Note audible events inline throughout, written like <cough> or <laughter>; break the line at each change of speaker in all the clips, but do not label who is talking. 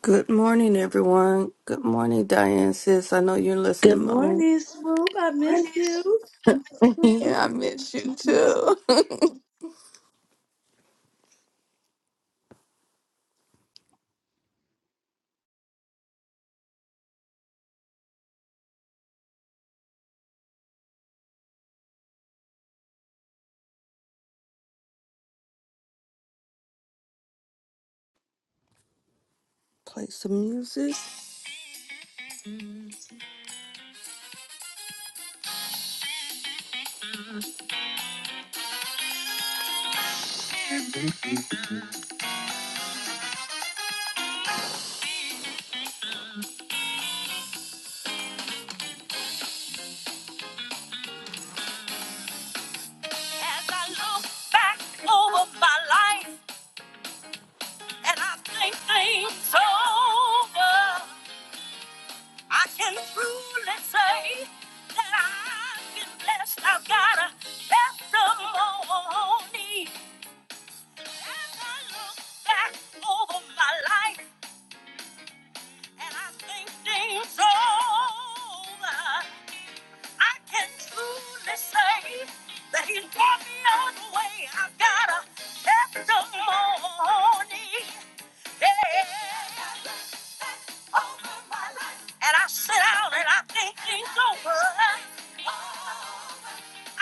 Good morning, everyone. Good morning, Diane sis. I know you're
Good
listening, Mom.
morning, Swoop. I missed you.
<laughs> Yeah, I miss you too. <laughs> Play some music. As I look back over my life and I think things over, I can truly say that I've been blessed. I've got a testimony. As I look back over my life. And I think things over. I can truly say that he's brought me all the way. I've got a testimony. Yeah. Over my life. And I sit down and I think things over.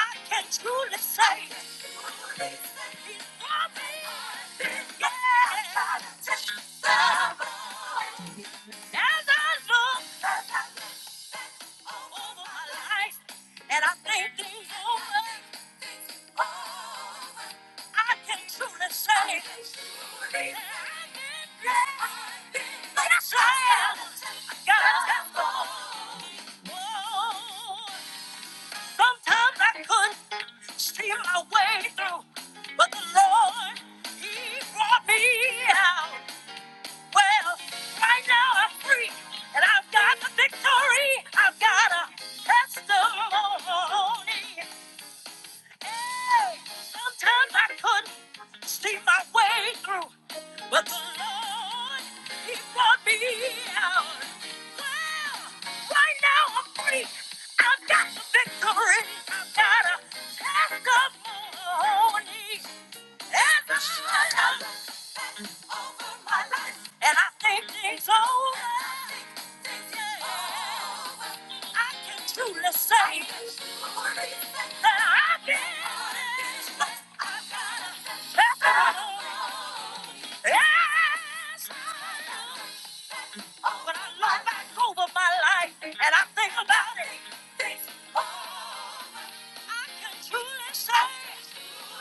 I can truly say. He's brought me. Yeah. As I look over my life and I think things over, I can truly say that i am. God's Sometimes I couldn't see my way through, but the Lord, He brought me out. Well, right now I'm free, and I've got the victory. I've got a testimony. Hey, sometimes I couldn't see my way through, but the Lord, He brought me out. Well, right now I'm free. I've got the victory. I've got a testimony. And I'm over my life, And I think things over. I can truly say that I've been blessed. I've got a testimony. Yes. Oh, when I look back over my life and I think about it, it's all I can truly say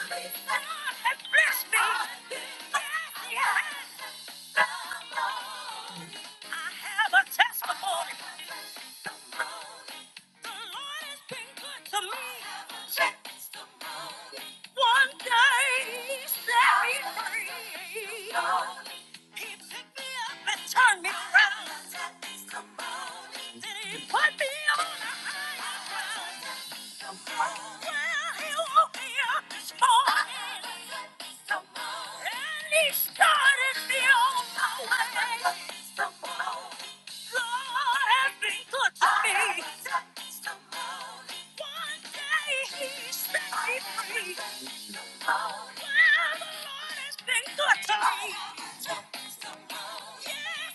that God has blessed me. Yes, He has. I have a testimony. One day set me free. He picked me up and turned me around. I he put me on a higher ground. One day he set me free. Oh, yeah, the Lord has been good to me. Yes, the Lord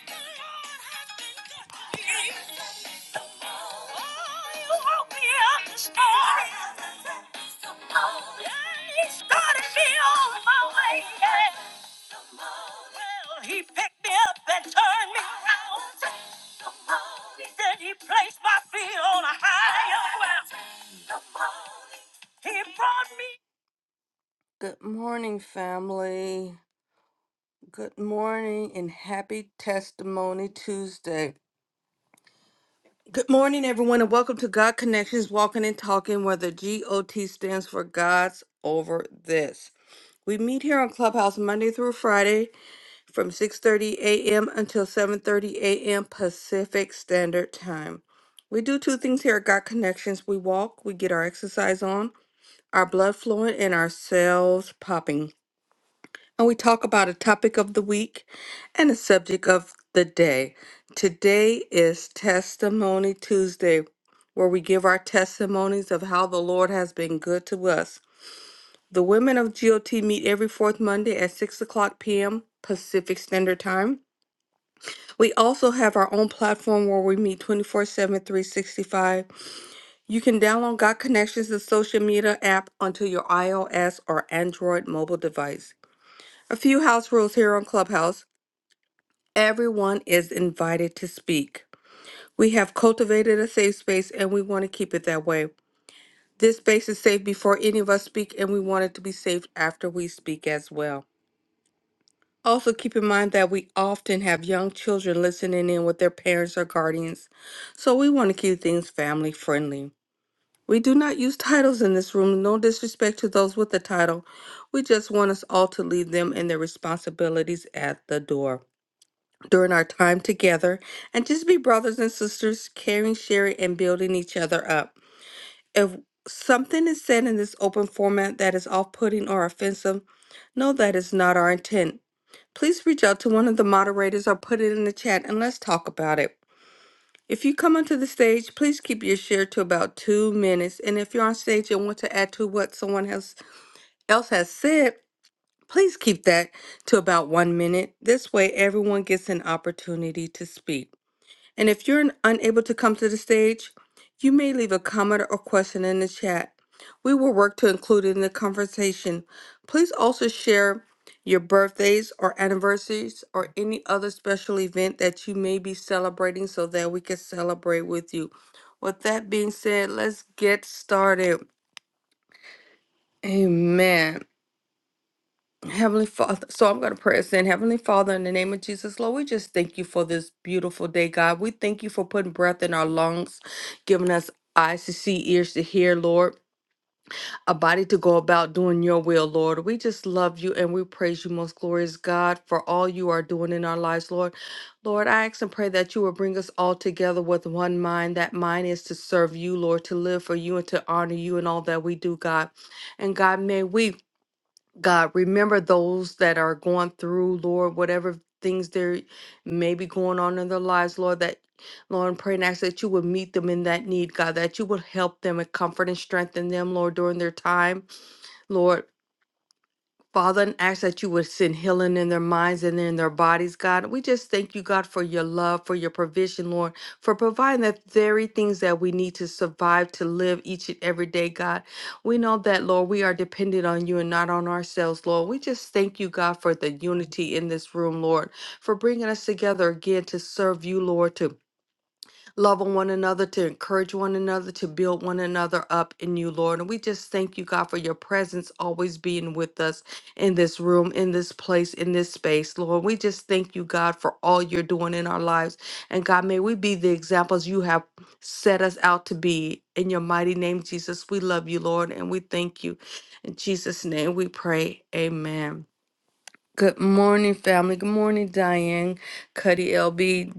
has been good to me. Oh, you woke me up this morning. Yeah, he started me on my way. Yeah. Well, he picked me up and turned me around. He said he placed my feet on a higher ground. He brought me Good morning, family. Good morning and happy Testimony Tuesday. Good morning, everyone, and welcome to God Connections Walking and Talking, where the GOT stands for God's Over This. We meet here on Clubhouse Monday through Friday from 6:30 a.m. until 7:30 a.m. Pacific Standard Time. We do two things here at God Connections. We walk, we get our exercise on, our blood flowing, and our cells popping. and we talk about a topic of the week and a subject of the day. Today is Testimony Tuesday, where we give our testimonies of how the Lord has been good to us. The women of GOT meet every fourth Monday at 6 o'clock p.m. Pacific Standard Time. We also have our own platform where we meet twenty four seven, three sixty five. You can download God Connections, the social media app, onto your iOS or Android mobile device. A few house rules here on Clubhouse. Everyone is invited to speak. We have cultivated a safe space and we want to keep it that way. This space is safe before any of us speak, and we want it to be safe after we speak as well. Also, keep in mind that we often have young children listening in with their parents or guardians, so we want to keep things family friendly. We do not use titles in this room, no disrespect to those with a title. We just want us all to leave them and their responsibilities at the door. during our time together and just be brothers and sisters, caring, sharing, and building each other up. If something is said in this open format that is off putting or offensive, no, that is not our intent. Please reach out to one of the moderators or put it in the chat and let's talk about it. If you come onto the stage, please keep your share to about two minutes. And if you're on stage and want to add to what someone else else has said, please keep that to about one minute. This way, everyone gets an opportunity to speak. And if you're unable to come to the stage, you may leave a comment or question in the chat. We will work to include it in the conversation. Please also share your birthdays or anniversaries or any other special event that you may be celebrating so that we can celebrate with you. With that being said, let's get started. Amen. Heavenly Father, so I'm going to pray us in. Heavenly Father, in the name of Jesus, Lord, we just thank you for this beautiful day, God. We thank you for putting breath in our lungs, giving us eyes to see, ears to hear, Lord, a body to go about doing your will, Lord. We just love you and we praise you, most glorious God, for all you are doing in our lives, Lord. Lord, I ask and pray that you will bring us all together with one mind. That mind is to serve you, Lord, to live for you and to honor you in all that we do, God. And God, may we. God, remember those that are going through, Lord, whatever things there may be going on in their lives, Lord, that Lord, and pray and ask that you would meet them in that need, God, that you would help them and comfort and strengthen them, Lord, during their time, Lord. Father, and ask that you would send healing in their minds and in their bodies, God. We just thank you, God, for your love, for your provision, Lord, for providing the very things that we need to survive, to live each and every day, God. We know that, Lord, we are dependent on you and not on ourselves, Lord. We just thank you, God, for the unity in this room, Lord, for bringing us together again to serve you, Lord, to love on one another, to encourage one another, to build one another up in you, Lord. And we just thank you, God, for your presence always being with us in this room, in this place, in this space, Lord. We just thank you, God, for all you're doing in our lives. And God, may we be the examples you have set us out to be. In your mighty name, Jesus, we love you, Lord, and we thank you. In Jesus' name we pray. Amen. Good morning, family. Good morning, Diane, Cuddy LB,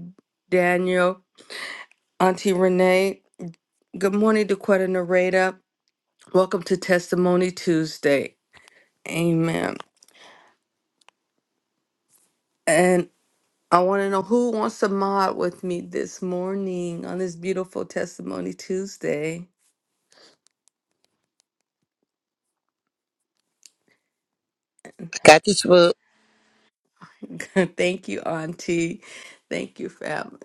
Daniel, Auntie Renee. Good morning, Dequetta Narada. Welcome to Testimony Tuesday. Amen. And I want to know who wants to mod with me this morning on this beautiful Testimony Tuesday.
Got this book?
<laughs> Thank you, Auntie. Thank you, family.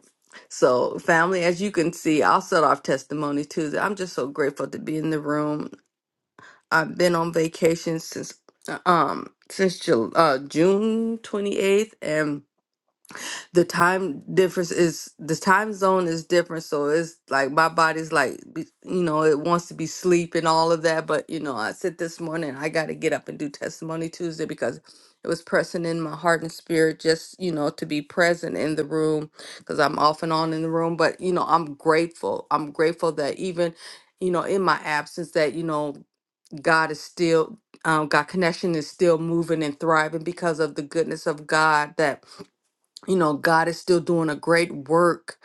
So, family, as you can see, I'll start off Testimony Tuesday. I'm just so grateful to be in the room. I've been on vacation since uh, um since Jul- uh, June 28th and the time difference is the time zone is different so it's like my body's like be- you know it wants to be sleep and all of that but you know i said this morning i got to get up and do testimony tuesday because it was pressing in my heart and spirit just you know to be present in the room because i'm off and on in the room but you know i'm grateful i'm grateful that even you know in my absence that you know god is still um, god connection is still moving and thriving because of the goodness of god that you know god is still doing a great work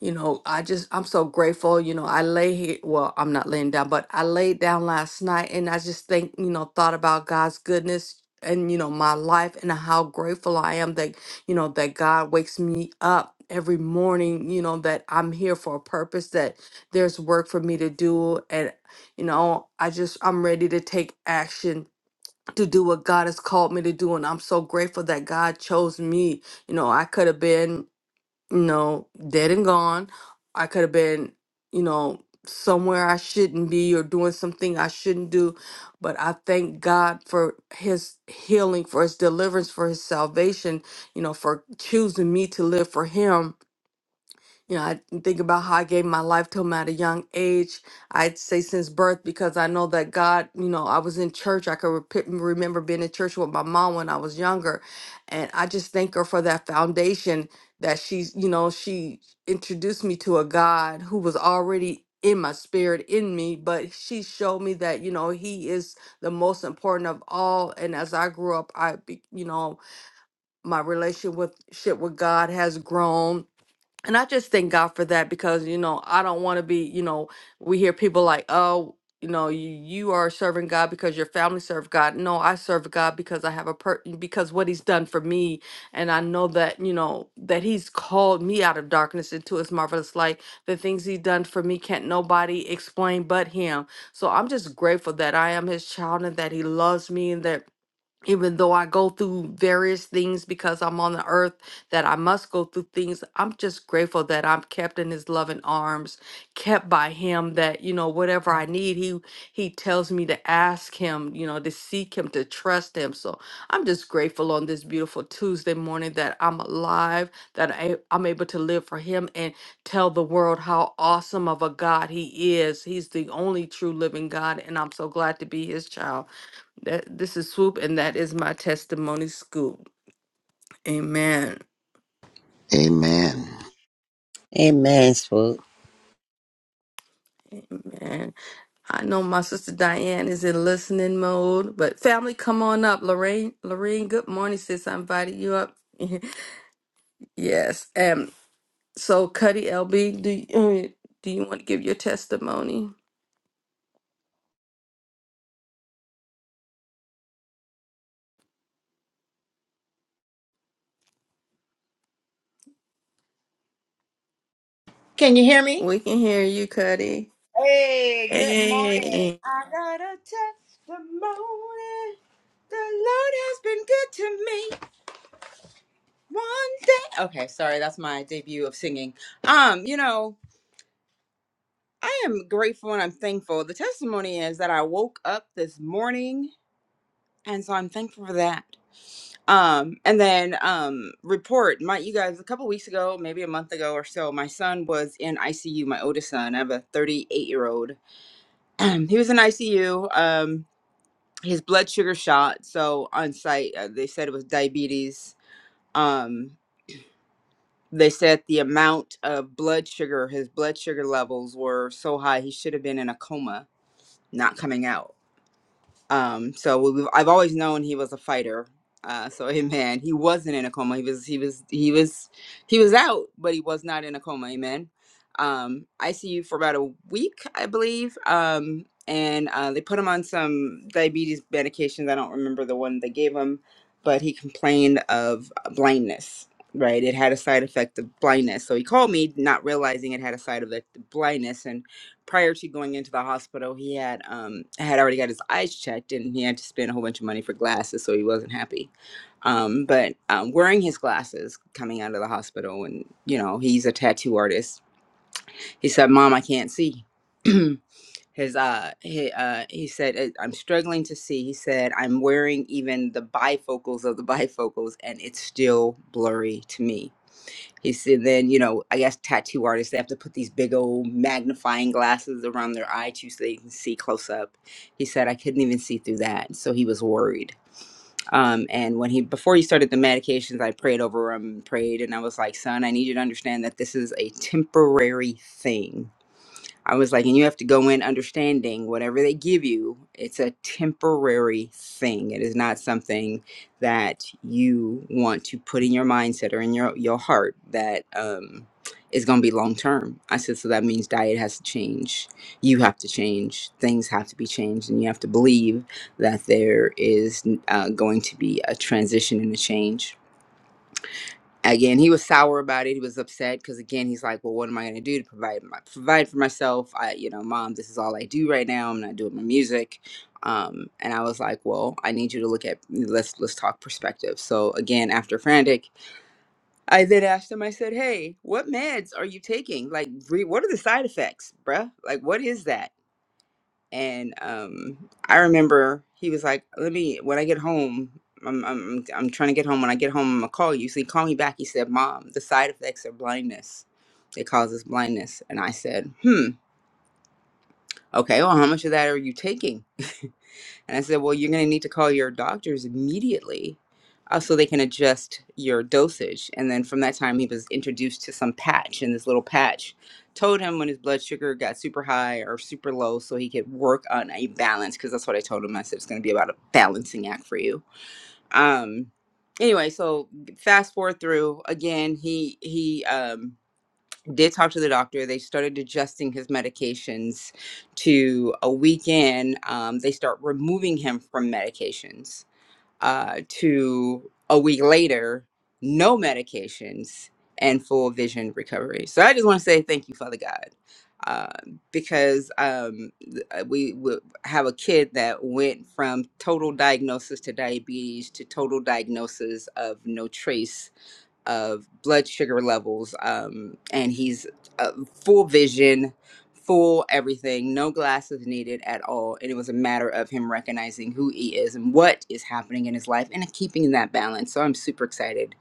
you know i just i'm so grateful you know i lay here well i'm not laying down but i laid down last night and i just think you know thought about god's goodness and you know my life and how grateful i am that you know that god wakes me up every morning you know that i'm here for a purpose that there's work for me to do and you know i just i'm ready to take action to do what God has called me to do. And I'm so grateful that God chose me. You know, I could have been, you know, dead and gone. I could have been, you know, somewhere I shouldn't be or doing something I shouldn't do. But I thank God for his healing, for his deliverance, for his salvation, you know, for choosing me to live for him you know, I think about how I gave my life to him at a young age. I'd say since birth because I know that God, you know, I was in church. I could rep- remember being in church with my mom when I was younger. And I just thank her for that foundation that she's, you know, she introduced me to a God who was already in my spirit, in me, but she showed me that, you know, he is the most important of all. And as I grew up, I, be- you know, my relationship with, shit with God has grown and I just thank God for that because, you know, I don't want to be, you know, we hear people like, oh, you know, you, you are serving God because your family served God. No, I serve God because I have a per because what he's done for me. And I know that, you know, that he's called me out of darkness into his marvelous light. The things he done for me can't nobody explain but him. So I'm just grateful that I am his child and that he loves me and that even though I go through various things because I'm on the earth, that I must go through things, I'm just grateful that I'm kept in his loving arms, kept by him that, you know, whatever I need, he he tells me to ask him, you know, to seek him, to trust him. So I'm just grateful on this beautiful Tuesday morning that I'm alive, that I, I'm able to live for him and tell the world how awesome of a God he is. He's the only true living God, and I'm so glad to be his child. That this is swoop, and that is my testimony scoop. Amen.
Amen.
Amen, Swoop.
Man, I know my sister Diane is in listening mode, but family, come on up. Lorraine, Lorraine, good morning, sis. I invited you up. <laughs> yes. Um. So, Cuddy LB, do you, uh, do you want to give your testimony?
Can you hear me?
We can hear you, Cuddy.
Hey, good morning.
Hey.
I got a testimony. The Lord has been good to me one day. Okay, sorry, that's my debut of singing. Um, you know, I am grateful and I'm thankful. The testimony is that I woke up this morning, and so I'm thankful for that. Um, and then um report my you guys a couple weeks ago, maybe a month ago or so, my son was in ICU, my oldest son. I have a 38 year old. <clears throat> he was in ICU. Um his blood sugar shot. So on site, uh, they said it was diabetes. Um, they said the amount of blood sugar, his blood sugar levels were so high, he should have been in a coma, not coming out. Um, so we, we've- I've always known he was a fighter. Uh, so <laughs> amen. He wasn't in a coma. He was he was he was he was out, but he was not in a coma. Amen. Um, ICU for about a week, I believe. Um, and uh, they put him on some diabetes medications. I don't remember the one they gave him, but he complained of blindness. Right, it had a side effect of blindness. So he called me, not realizing it had a side effect of blindness, and prior to going into the hospital, he had um had already got his eyes checked, and he had to spend a whole bunch of money for glasses, so he wasn't happy. Um, but um, wearing his glasses coming out of the hospital, and you know he's a tattoo artist. He said, "Mom, I can't see." <clears throat> his uh he uh he said "Uh, i'm struggling to see he said i'm wearing even the bifocals of the bifocals and it's still blurry to me he said, then, you know, I guess tattoo artists, they have to put these big old magnifying glasses around their eye too so they can see close up. He said, I couldn't even see through that. So he was worried. Um, and when he, before he started the medications, I prayed over him, prayed, and I was like, son, I need you to understand that this is a temporary thing I was like, and you have to go in understanding whatever they give you, it's a temporary thing. It is not something that you want to put in your mindset or in your, your heart that um, is going to be long term. I said, so that means diet has to change. You have to change. Things have to be changed. And you have to believe that there is uh, going to be a transition and a change again he was sour about it he was upset because again he's like well what am i going to do to provide my provide for myself i you know mom this is all i do right now i'm not doing my music um, and i was like well i need you to look at let's let's talk perspective so again after frantic i then asked him i said hey what meds are you taking like re- what are the side effects bruh like what is that and um i remember he was like let me when i get home i'm i'm, I'm trying to get home when i get home i'm gonna call you so he called me back he said mom the side effects are blindness it causes blindness and i said hmm okay well how much of that are you taking <laughs> And I said, Well, you're going to need to call your doctors immediately uh, so they can adjust your dosage. And then from that time, he was introduced to some patch, and this little patch told him when his blood sugar got super high or super low so he could work on a balance because that's what I told him. I said, It's going to be about a balancing act for you. Um, anyway so fast forward through again he he um did talk to the doctor. They started adjusting his medications to a week in. Um, they start removing him from medications uh, to a week later, no medications and full vision recovery. So I just want to say thank you, Father God. Uh, because um, th- uh, we, we have a kid that went from total diagnosis to diabetes to total diagnosis of no trace of blood sugar levels. Um, and he's uh, full vision, full everything, no glasses needed at all. And it was a matter of him recognizing who he is and what is happening in his life and keeping that balance. So I'm super excited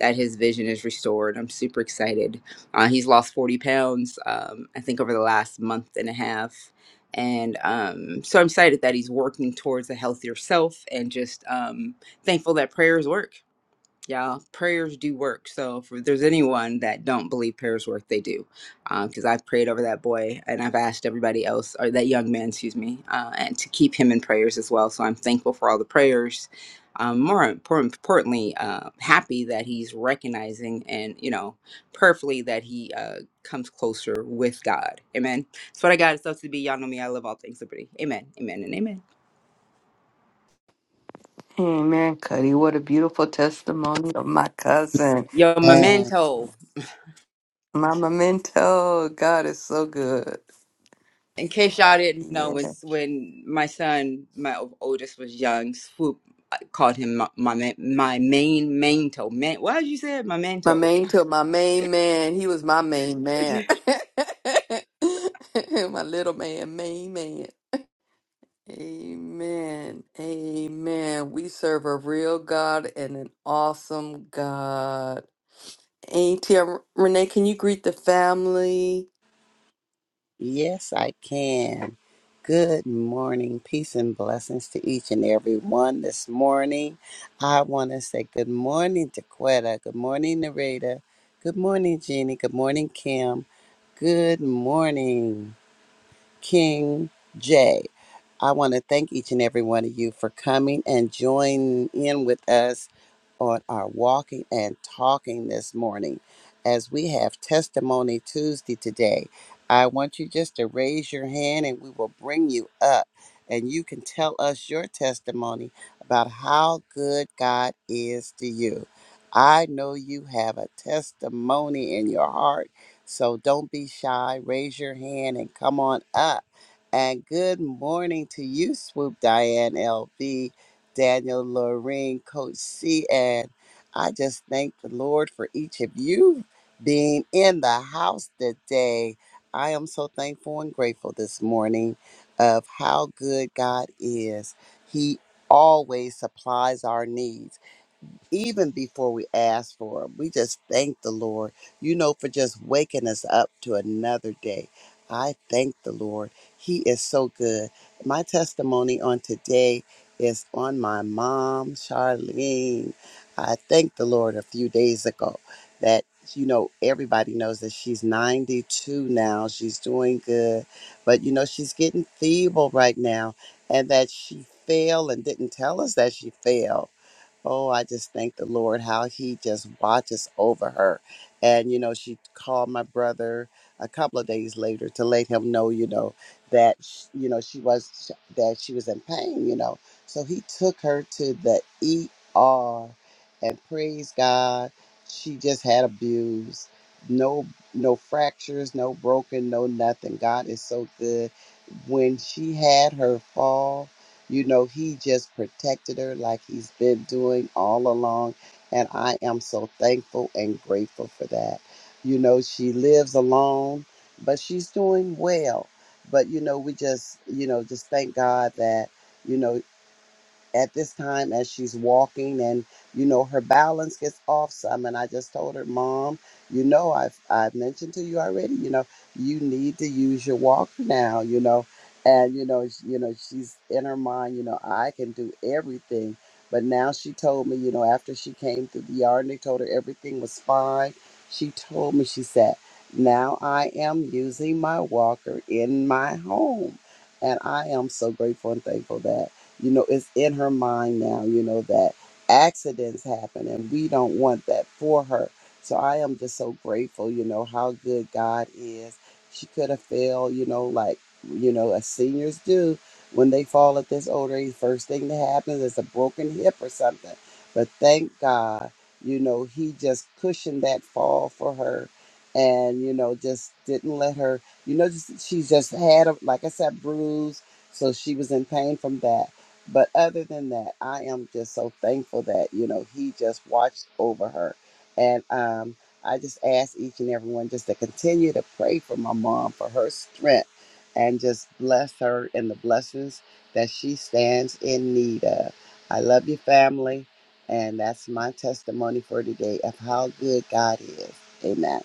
that his vision is restored. I'm super excited. Uh, he's lost 40 pounds, um, I think, over the last month and a half. And um, so I'm excited that he's working towards a healthier self and just um, thankful that prayers work yeah, prayers do work. So if there's anyone that don't believe prayers work, they do, because I've prayed over that boy and I've asked everybody else or that young man, excuse me, uh, and to keep him in prayers as well. So I'm thankful for all the prayers. Um, more important, importantly, uh, happy that he's recognizing and you know prayerfully that he uh, comes closer with God. Amen. That's what I got. It's up to be. Y'all know me. I love all things liberty. Amen. Amen. And amen.
Amen, Cuddy. What a beautiful testimony of my cousin
Yo,
to
And
memento.
my memento. God is so good.
In case y'all didn't know,
Yes.
when when my son, my oldest, was young, Swoop called him my my, ma- my main manto. Man, why did you say it? my
My
manto?
main took my main man. He was my main man. <laughs> my little man, main man. Amen. Amen. We serve a real God and an awesome God. Auntie Renee, can you greet the family?
yes, I can. Good morning. Peace and blessings to each and every one this morning. I want to say good morning to Quetta. Good morning, Narita. Good morning, Jeannie. Good morning, Kim. Good morning. King J. I want to thank each and every one of you for coming and joining in with us on our walking and talking this morning. As we have Testimony Tuesday today, I want you just to raise your hand and we will bring you up and you can tell us your testimony about how good God is to you. I know you have a testimony in your heart so don't be shy. Raise your hand and come on up. And good morning to you, Swoop Diane LB, Daniel Lorraine, Coach C. And I just thank the Lord for each of you being in the house today. I am so thankful and grateful this morning of how good God is. He always supplies our needs even before we ask for them. We just thank the Lord, you know, for just waking us up to another day. I thank the Lord. He is so good. My testimony on today is on my mom, Charlene. I thanked the Lord a few days ago that, you know, everybody knows that she's 92 now. She's doing good, but, you know, she's getting feeble right now and that she fell and didn't tell us that she fell Oh, I just thank the Lord how He just watches over her. And, you know, she called my brother a couple of days later to let him know, you know, that, sh- you know, she was, that she was in pain, you know. So he took her to the ER and praise God, she just had abuse. No, no fractures, no broken, no nothing. God is so good. When she had her fall, you know, he just protected her like he's been doing all along. And I am so thankful and grateful for that. You know, she lives alone, but she's doing well. But, you know, we just, you know, just thank God that, you know, at this time as she's walking and you know her balance gets off some and i just told her mom you know i've i've mentioned to you already you know you need to use your walker now you know and you know sh- you know she's in her mind you know i can do everything but now she told me you know after she came through the yard and they told her everything was fine she told me she said now i am using my walker in my home and i am so grateful and thankful that you know it's in her mind now you know that accidents happen and we don't want that for her so i am just so grateful you know how good god is she could have fell. you know like you know as seniors do when they fall at this older age first thing that happens is a broken hip or something but thank god you know he just cushioned that fall for her and you know just didn't let her you know just, she just had a, like i said bruise so she was in pain from that but other than that, I am just so thankful that, you know, he just watched over her. And um, I just ask each and everyone just to continue to pray for my mom, for her strength, and just bless her in the blessings that she stands in need of. I love your family. And that's my testimony for today of how good God is. Amen.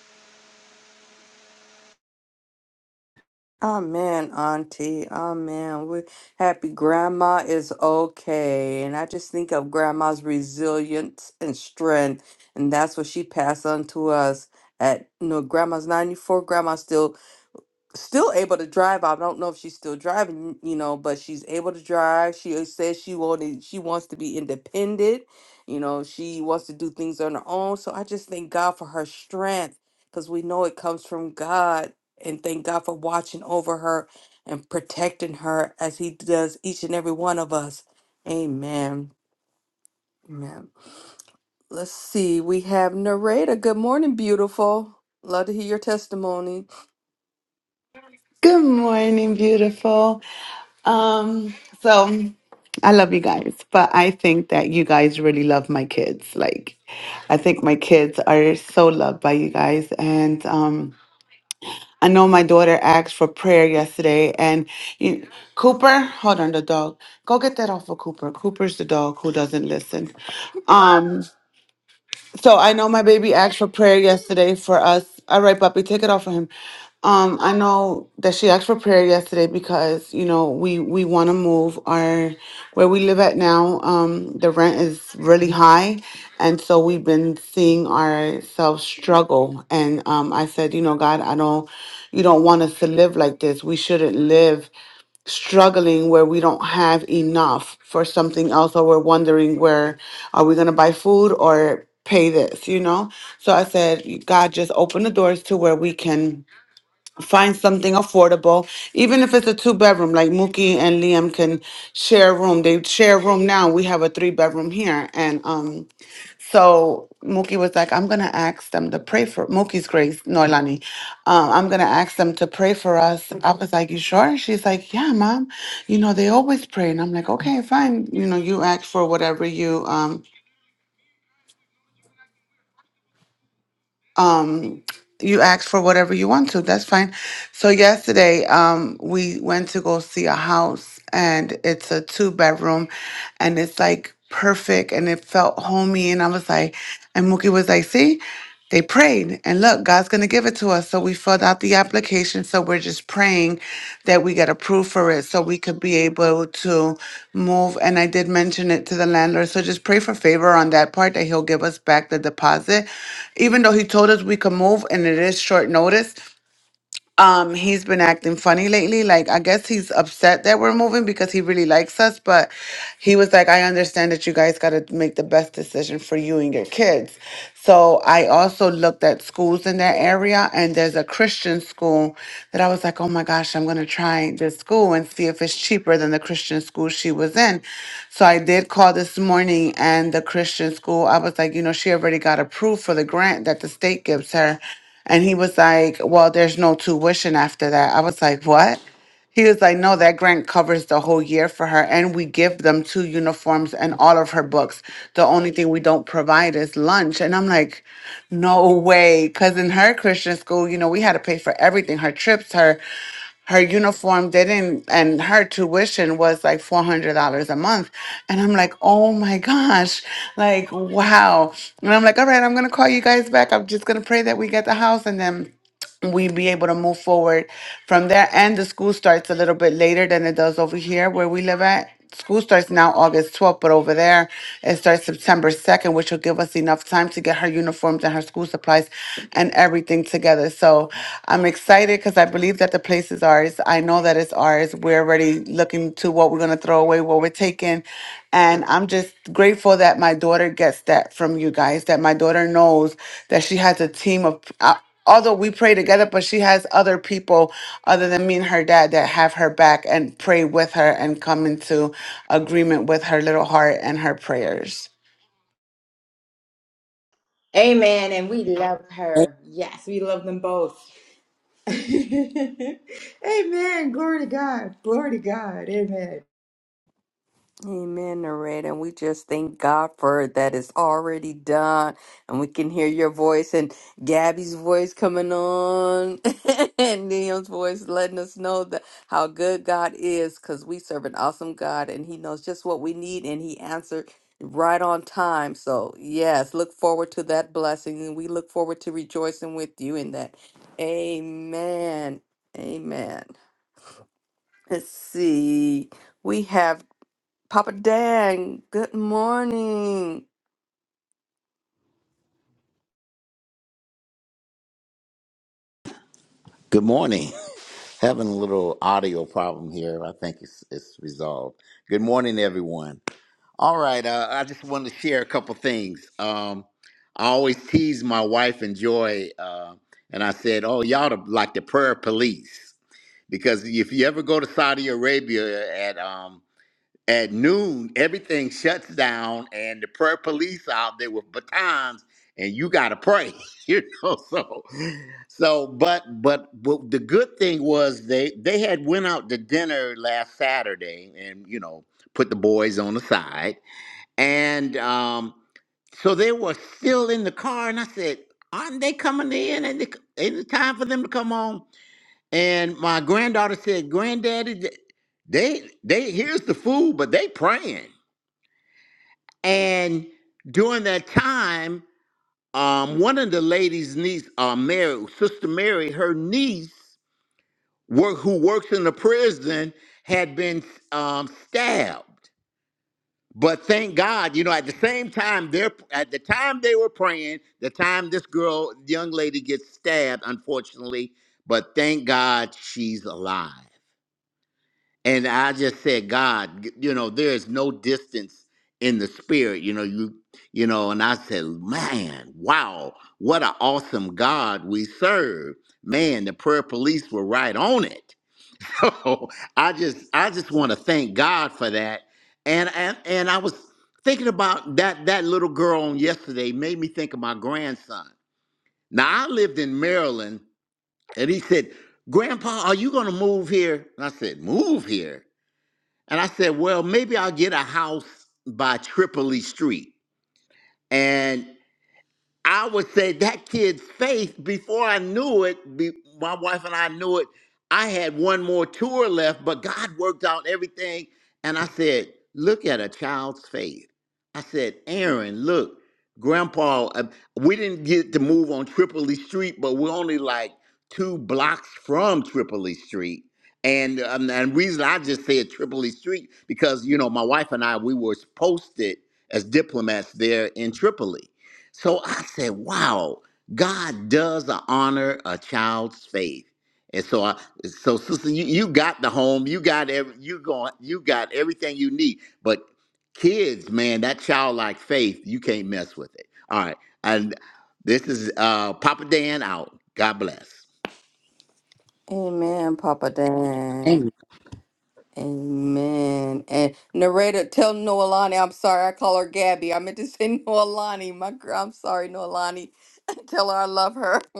Amen, Auntie. Amen. We happy grandma is okay. And I just think of grandma's resilience and strength. And that's what she passed on to us. At no, grandma's 94, Grandma still still able to drive. I don't know if she's still driving, you know, but she's able to drive. She uh, says she wanted, she wants to be independent. You know, she wants to do things on her own. So I just thank God for her strength because we know it comes from God. And thank God for watching over her and protecting her as He does each and every one of us. Amen. Amen. Let's see. We have Nareda. Good morning, beautiful. Love to hear your testimony.
Good morning, beautiful. Um, so I love you guys, but I think that you guys really love my kids. Like, I think my kids are so loved by you guys. And um, I know my daughter asked for prayer yesterday. And you, Cooper, hold on, the dog. Go get that off of Cooper. Cooper's the dog who doesn't listen. Um. So I know my baby asked for prayer yesterday for us. All right, puppy, take it off of him. Um, I know that she asked for prayer yesterday because you know we we want to move our where we live at now. Um, the rent is really high, and so we've been seeing ourselves struggle. And um, I said, you know, God, I don't, you don't want us to live like this. We shouldn't live struggling where we don't have enough for something else or we're wondering where are we going to buy food or pay this you know so i said god just open the doors to where we can find something affordable even if it's a two bedroom like mookie and liam can share a room they share a room now we have a three bedroom here and um so Mookie was like, I'm going to ask them to pray for Mookie's grace, Noilani. Um, I'm going to ask them to pray for us. I was like, You sure? And she's like, Yeah, mom. You know, they always pray. And I'm like, Okay, fine. You know, you ask for whatever you. um um you ask for whatever you want to that's fine so yesterday um we went to go see a house and it's a two bedroom and it's like perfect and it felt homey and i was like and mookie was like see they prayed and look god's gonna give it to to us. So we filled out the application. So we're just praying that we get approved for it so we could be able to move. And I did mention it to the landlord. So just pray for favor on that part that he'll give us back the deposit. Even though he told us we could move and it is short notice, um, he's been acting funny lately. Like, I guess he's upset that we're moving because he really likes us. But he was like, I understand that you guys got to make the best decision for you and your kids. So I also looked at schools in that area, and there's a Christian school that I was like, oh my gosh, I'm going to try this school and see if it's cheaper than the Christian school she was in. So I did call this morning, and the Christian school, I was like, you know, she already got approved for the grant that the state gives her and he was like, Well, there's no tuition after that. I was like, What? He was like, No, that grant covers the whole year for her. And we give them two uniforms and all of her books. The only thing we don't provide is lunch. And I'm like, No way. Because in her Christian school, you know, we had to pay for everything her trips, her her uniform didn't and her tuition was like $400 a month and i'm like oh my gosh like wow and i'm like all right i'm gonna call you guys back i'm just gonna pray that we get the house and then we be able to move forward from there. And the school starts a little bit later than it does over here where we live at. School starts now August 12th, but over there it starts September 2nd, which will give us enough time to get her uniforms and her school supplies and everything together. So I'm excited because I believe that the place is ours. I know that it's ours. We're already looking to what we're going to throw away, what we're taking. And I'm just grateful that my daughter gets that from you guys, that my daughter knows that she has a team of. uh, although we pray together, but she has other people other than me and her dad that have her back and pray with her and come into agreement with her little heart and her prayers.
Amen. And we love her. Yes, we love them both. <laughs> amen. Glory to God. Glory to God. Amen.
Amen, Nareda. And we just thank God for that is already done. And we can hear your voice and Gabby's voice coming on <laughs> and Neil's voice letting us know that how good God is because we serve an awesome God and He knows just what we need and He answered right on time. So, yes, look forward to that blessing and we look forward to rejoicing with you in that. Amen. Amen. Let's see. We have Papa Dan, good morning.
Good morning. <laughs> Having a little audio problem here. I think it's it's resolved. Good morning, everyone. All right. Uh, I just wanted to share a couple things. Um, I always tease my wife and Joy, uh, and I said, "Oh, y'all the, like the prayer police," because if you ever go to Saudi Arabia at um, at noon, everything shuts down, and the prayer police out there with batons, and you gotta pray, <laughs> you know. So, so, but, but, but the good thing was they they had went out to dinner last Saturday, and you know, put the boys on the side, and um, so they were still in the car, and I said, "Aren't they coming in? And it- ain't it time for them to come home?" And my granddaughter said, Granddaddy, th- they they here's the food, but they praying. And during that time, um, one of the ladies' niece, uh, Mary, Sister Mary, her niece, work, who works in the prison, had been um, stabbed. But thank God, you know, at the same time, they're at the time they were praying, the time this girl, young lady, gets stabbed, unfortunately. But thank God she's alive. And I just said, God, you know, there is no distance in the spirit. You know, you, you know, and I said, man, wow, what an awesome God we serve. Man, the prayer police were right on it. <laughs> So I just, I just want to thank God for that. And and and I was thinking about that that little girl on yesterday made me think of my grandson. Now I lived in Maryland, and he said, "Grandpa, are you going to move here?" And I said, "Move here." And I said, well, maybe I'll get a house by Tripoli Street. And I would say that kid's faith, before I knew it, be, my wife and I knew it, I had one more tour left, but God worked out everything. And I said, Look at a child's faith. I said, Aaron, look, Grandpa, uh, we didn't get to move on Tripoli Street, but we're only like two blocks from Tripoli Street. And um, and the reason I just said Tripoli Street because you know my wife and I we were posted as diplomats there in Tripoli, so I said, wow, God does honor a child's faith. And so I so sister, you, you got the home, you got every you going you got everything you need. But kids, man, that childlike faith, you can't mess with it. All right. And this is uh Papa Dan out. God bless.
Amen, Papa Dan.
Amen.
Amen. And narrator, tell Noelani, I'm sorry, I call her Gabby. I meant to say <laughs> Noelani. My girl, I'm sorry, Noelani. <laughs> tell her I love her. <laughs>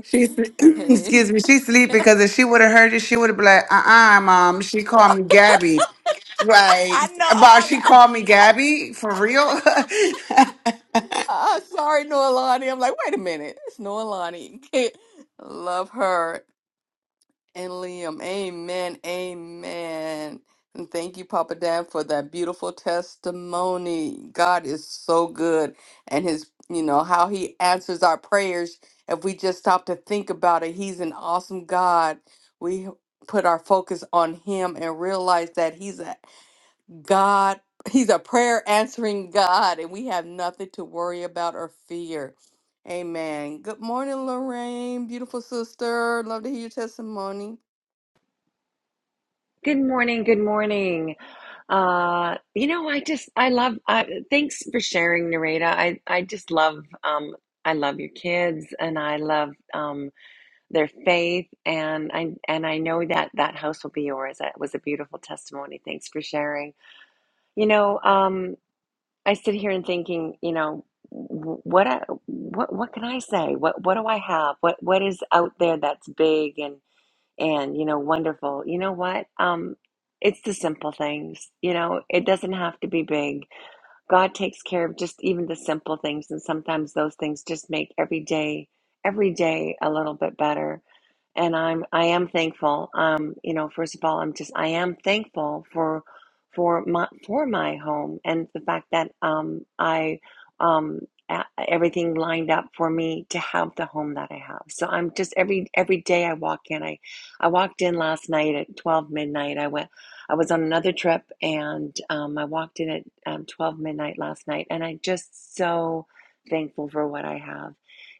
She's <clears throat>
Amen.
excuse me, she's asleep because if she would have heard it, she would have been like, uh uh mom, she called me Gabby.
<laughs>
Right.
I know.
About
I'm, like,
she called me Gabby for real. <laughs>
"Ah, sorry, Noelani. I'm like, wait a minute, it's Noelani. <laughs> love her. And Liam, amen, amen. And thank you, Papa Dan, for that beautiful testimony. God is so good. And his, you know, how he answers our prayers. If we just stop to think about it, he's an awesome God. We put our focus on him and realize that he's a God, he's a prayer answering God, and we have nothing to worry about or fear. Amen. Good morning, Lorraine, beautiful sister. Love to hear your testimony.
Good morning. Good morning. Uh, you know, I just I love. Uh, thanks for sharing, Narita. I I just love. Um, I love your kids, and I love um, their faith, and I and I know that that house will be yours. That was a beautiful testimony. Thanks for sharing. You know, um, I sit here and thinking. You know, wh- what I, what what can I say? What what do I have? What what is out there that's big and and you know wonderful you know what um it's the simple things you know it doesn't have to be big God takes care of just even the simple things, and sometimes those things just make every day, every day a little bit better. And I'm, I am thankful. Um, you know, first of all, I'm just, I am thankful for, for my, for my home and the fact that um, I, um, a- everything lined up for me to have the home that I have. So I'm just every every day I walk in. I I walked in last night at 12 midnight. I went I was on another trip and um, I walked in at um, 12 midnight last night, and I'm just so thankful for what I have.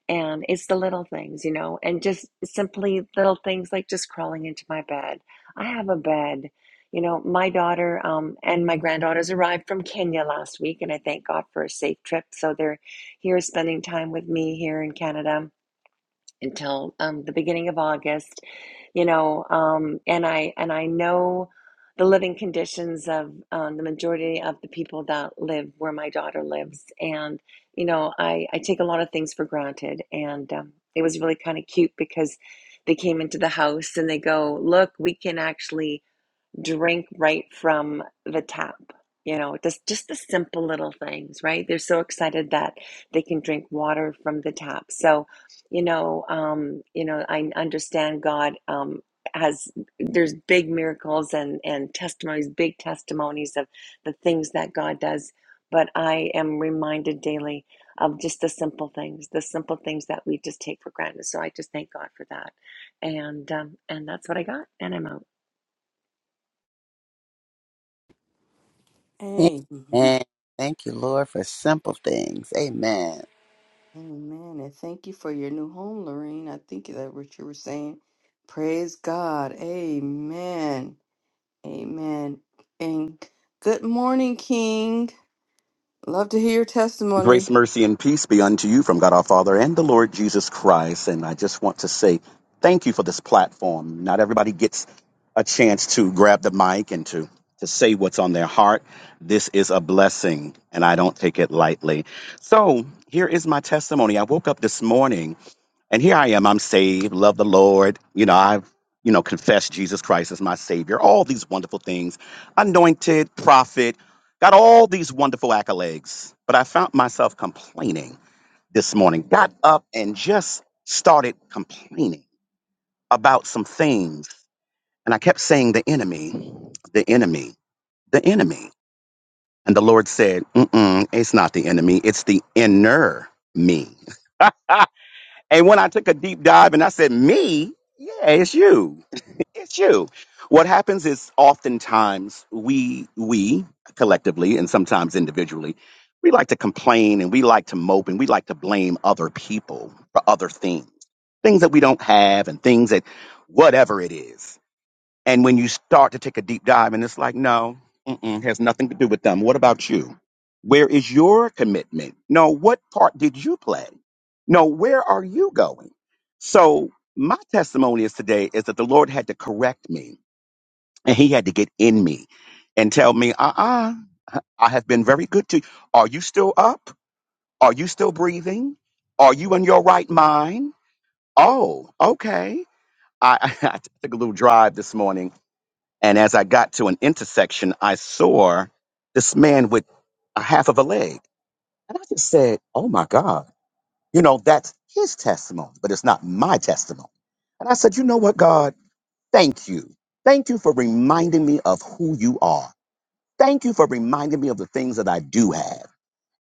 And it's the little things, you know, and just simply little things like just crawling into my bed. I have a bed. You know, my daughter um, and my granddaughters arrived from Kenya last week, and I thank God for a safe trip. So they're here spending time with me here in Canada until um, the beginning of August you know um, and i and i know the living conditions of um, the majority of the people that live where my daughter lives and you know i i take a lot of things for granted and um, it was really kind of cute because they came into the house and they go look we can actually drink right from the tap. You know, just just the simple little things, right? They're so excited that they can drink water from the tap. So, you know, um, you know, I understand God um, has there's big miracles and and testimonies, big testimonies of the things that God does. But I am reminded daily of just the simple things, the simple things that we just take for granted. So I just thank God for that, and um, and that's what I got, and I'm out.
Amen.
Amen. Thank you, Lord, for simple things. Amen.
Amen. And thank you for your new home, Lorene. I think that what you were saying. Praise God. Amen. Amen. And good morning, King. Love to hear your
Grace,
testimony.
mercy, and peace be unto you from God our Father and the Lord Jesus Christ. And I just want to say thank you for this platform. Not everybody gets a chance to grab the mic and to, to say what's on their heart. This is a blessing, and I don't take it lightly. So here is my testimony. I woke up this morning and here I am, I'm saved, love the Lord. You know, I've, you know, confessed Jesus Christ as my Savior, all these wonderful things, anointed, prophet, got all these wonderful accolades. But I found myself complaining this morning, got up and just started complaining about some things. And I kept saying, the enemy, the enemy, the enemy. And the Lord said, Mm-mm, it's not the enemy, it's the inner me. <laughs> And when I took a deep dive and I said, Me? Yeah, it's you. <laughs> It's you. What happens is oftentimes we we collectively and sometimes individually, we like to complain and we like to mope and we like to blame other people for other things. Things that we don't have and things that whatever it is. And when you start to take a deep dive, and it's like, no, mm-mm, has nothing to do with them. What about you? Where is your commitment? No, what part did you play? No, where are you going? So, my testimony is today is that the Lord had to correct me and He had to get in me and tell me, uh uh I have been very good to you. Are you still up? Are you still breathing? Are you in your right mind? Oh, okay. I, <laughs> I took a little drive this morning and as I got to an intersection, I saw this man with a half of a leg. And I just said, Oh my God, you know, that's his testimony, but it's not my testimony. And I said, You know what, God? Thank you. Thank you for reminding me of who you are. Thank you for reminding me of the things that I do have.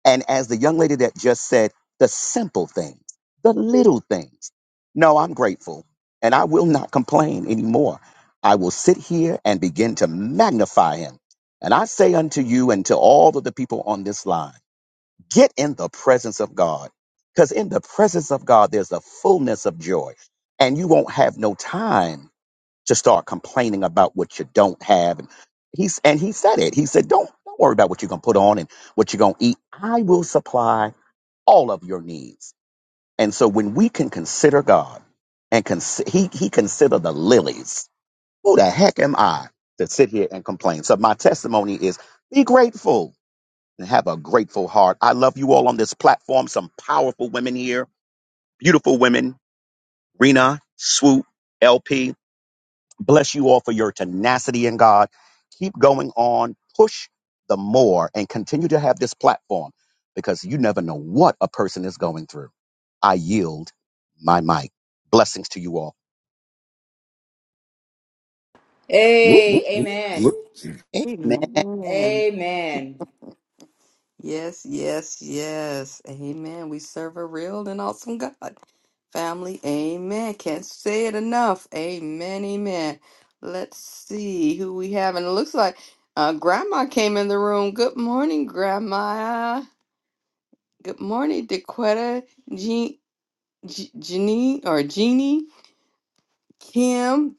And as the young lady that just said, the simple things, the little things. No, I'm grateful and I will not complain anymore. I will sit here and begin to magnify him. And I say unto you and to all of the people on this line, get in the presence of God. Because in the presence of God, there's a fullness of joy, and you won't have no time to start complaining about what you don't have. And he's and he said it. He said, Don't don't worry about what you're gonna put on and what you're gonna eat. I will supply all of your needs. And so when we can consider God and cons- he he consider the lilies, who the heck am I to sit here and complain? So my testimony is be grateful and have a grateful heart. I love you all on this platform. Some powerful women here, beautiful women, Rena, Swoop, LP. Bless you all for your tenacity in God. Keep going on, push the more, and continue to have this platform because you never know what a person is going through. I yield my mic. Blessings to you all.
Whoop, whoop,
Hey,
whoop,
amen.
whoop.
Amen.
Amen.
Amen.
Yes, yes, yes. Amen. We serve a real and awesome God. Family, amen. Can't say it enough. Amen, amen. Let's see who we have. And it looks like uh, Grandma came in the room. Good morning, Grandma. Good morning, Dequetta, Je- Je- Jeanine, or Jeannie, Kim,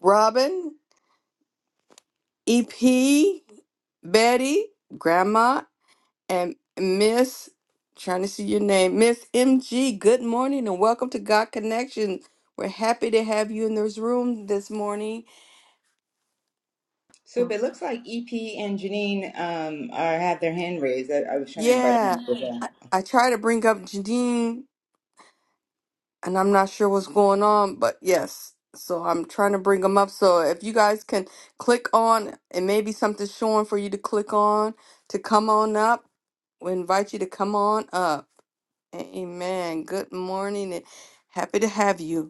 Robin, EP, Betty, Grandma, And Miss, trying to see your name, Miss MG, good morning and welcome to God Connection. We're happy to have you in this room this morning.
So
And
it looks like EP and Janine um, are have their hand raised. I, I was trying to invite
Yeah,
them up.
I, I try to bring up Janine and I'm not sure what's going on, but yes. So I'm trying to bring them up. So if you guys can click on, and maybe something's showing for you to click on to come on up. We invite you to come on up. Amen. Good morning and happy to have you.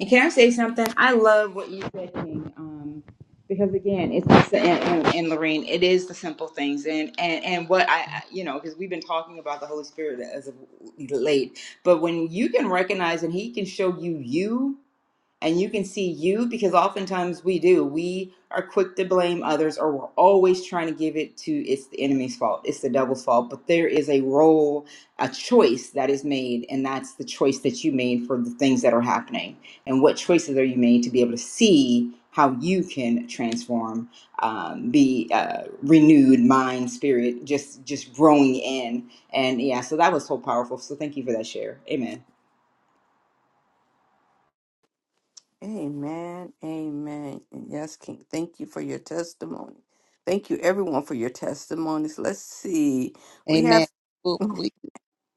And can I say something? I love what you said, King. Um, because again, it's just the, and, and, and Lorraine, it is the simple things, and and and what I, I- you know, because we've been talking about the Holy Spirit as of late, but when you can recognize and He can show you you and you can see you because oftentimes we do. We are quick to blame others or we're always trying to give it to it's the enemy's fault, it's the devil's fault. But there is a role, a choice that is made, and that's the choice that you made for the things that are happening. And what choices are you made to be able to see how you can transform, um, be uh, renewed, mind, spirit, just just growing in. And yeah, so that was so powerful. So thank you for that share. Amen.
Amen. Amen. And yes, King, thank you for your testimony. Thank you, everyone, for your testimonies. Let's see. We have,
Amen. Oop,
<laughs>
we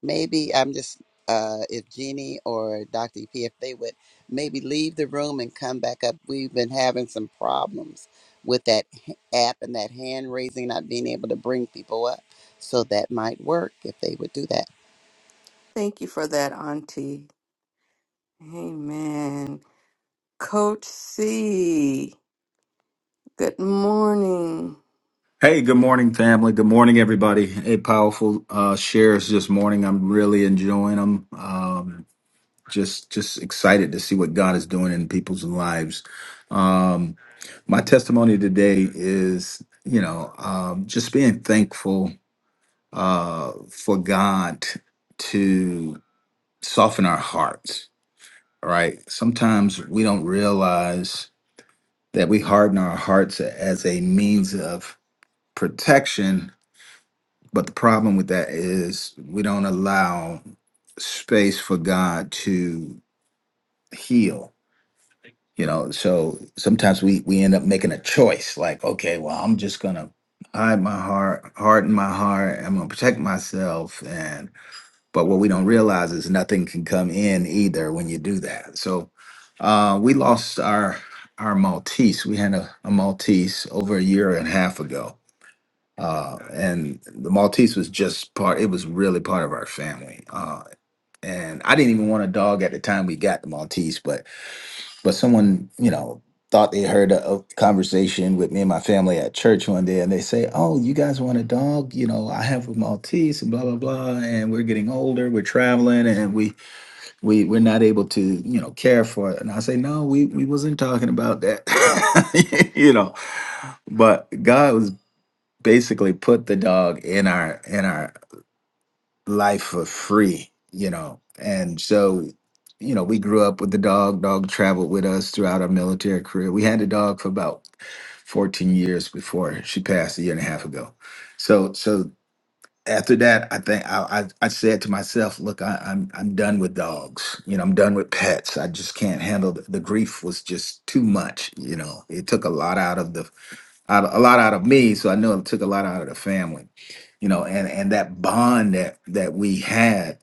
maybe I'm just uh, if Jeannie or Dr. EP, if they would maybe leave the room and come back up. We've been having some problems with that h- app and that hand raising, not being able to bring people up. So that might work if they would do that.
thank you for that, Auntie. Amen. Coach C, good morning.
Hey, good morning, family. Good morning, everybody. A powerful uh, shares this morning. I'm really enjoying them. Um, just, just excited to see what God is doing in people's lives. Um, my testimony today is, you know, um, just being thankful uh, for God to soften our hearts. Right? Sometimes we don't realize that we harden our hearts as a means of protection. But the problem with that is we don't allow space for God to heal. You know, so sometimes we we end up making a choice like, okay, well, I'm just gonna hide my heart, harden my heart, I'm gonna protect myself. And but what we don't realize is nothing can come in either when you do that. So uh we lost our our Maltese. We had a, a Maltese over a year and a half ago uh and the maltese was just part it was really part of our family uh and i didn't even want a dog at the time we got the maltese but but someone you know thought they heard a, a conversation with me and my family at church one day and they say oh you guys want a dog you know i have a maltese and blah blah blah and we're getting older we're traveling and we we we're not able to you know care for it and i say no we we wasn't talking about that <laughs> you know but god was basically put the dog in our in our life for free you know and so you know we grew up with the dog dog traveled with us throughout our military career we had the dog for about 14 years before she passed a year and a half ago so so after that i think i i, I said to myself look I, i'm i'm done with dogs you know i'm done with pets i just can't handle the, the grief was just too much you know it took a lot out of the out a lot out of me, so I know it took a lot out of the family, you know, and and that bond that that we had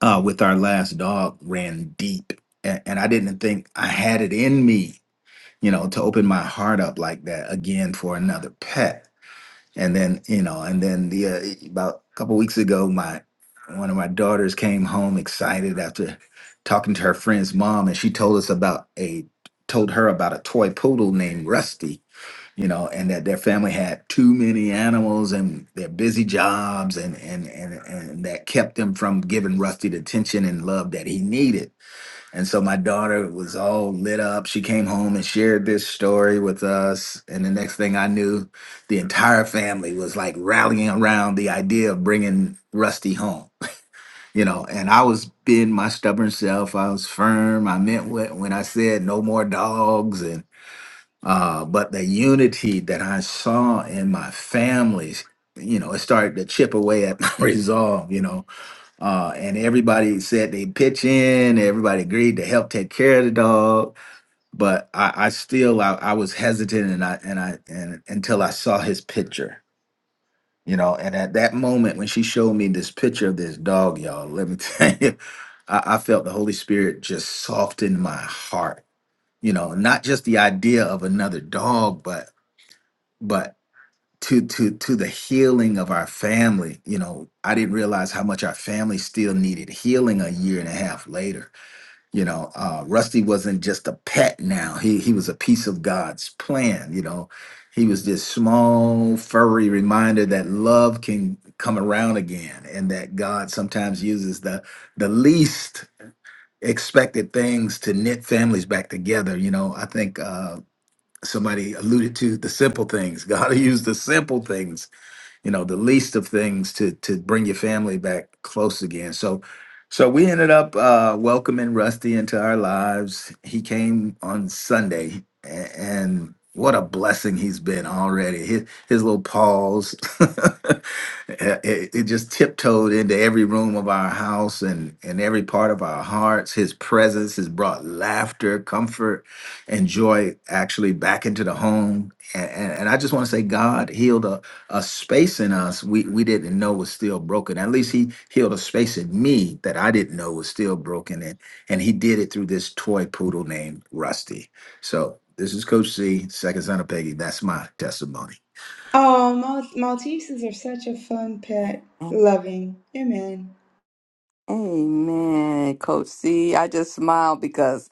uh, with our last dog ran deep, and, and I didn't think I had it in me, you know, to open my heart up like that again for another pet, and then you know, and then the uh, e, about a couple weeks ago, my one of my daughters came home excited after talking to her friend's mom, and she told us about a told her about a toy poodle named Rusty you know, and that their family had too many animals and their busy jobs and and and, and that kept them from giving Rusty the attention and love that he needed. And so my daughter was all lit up. She came home and shared this story with us. And the next thing I knew, the entire family was like rallying around the idea of bringing Rusty home, you know. And I was being my stubborn self. I was firm. I meant what when I said no more dogs uh, but the unity that I saw in my families, you know, it started to chip away at my <laughs> resolve, you know. Uh, and everybody said they pitch in, everybody agreed to help take care of the dog. But I, I still I, I was hesitant and I and I and until I saw his picture, you know, and at that moment when she showed me this picture of this dog, y'all, let me <laughs> tell you, I, I felt the Holy Spirit just soften my heart you know, not just the idea of another dog, but but to to to the healing of our family you know i didn't realize how much our family still needed healing a year and a half later you know uh rusty wasn't just a pet now he he was a piece of god's plan you know he was this small furry reminder that love can come around again and that god sometimes uses the the least expected things to knit families back together you know i think uh, somebody alluded to the simple things. <laughs> God will use the simple things you know, the least of things to to bring your family back close again. So so we ended up uh, welcoming Rusty into our lives. He came on Sunday, a- and what a blessing he's been already. His, his little paws, <laughs> it, it just tiptoed into every room of our house and, and every part of our hearts. His presence has brought laughter, comfort, and joy actually back into the home. And, and, and I just want to say, God healed a space in us we we didn't know was still broken. At least he healed a space in me that I didn't know was still broken, and and he did it through this toy poodle named Rusty. So this is Coach C, second son of Peggy. That's my testimony.
Oh, Mal- Maltesers are such a fun pet. Loving. Amen.
Amen. Coach C, I just smiled because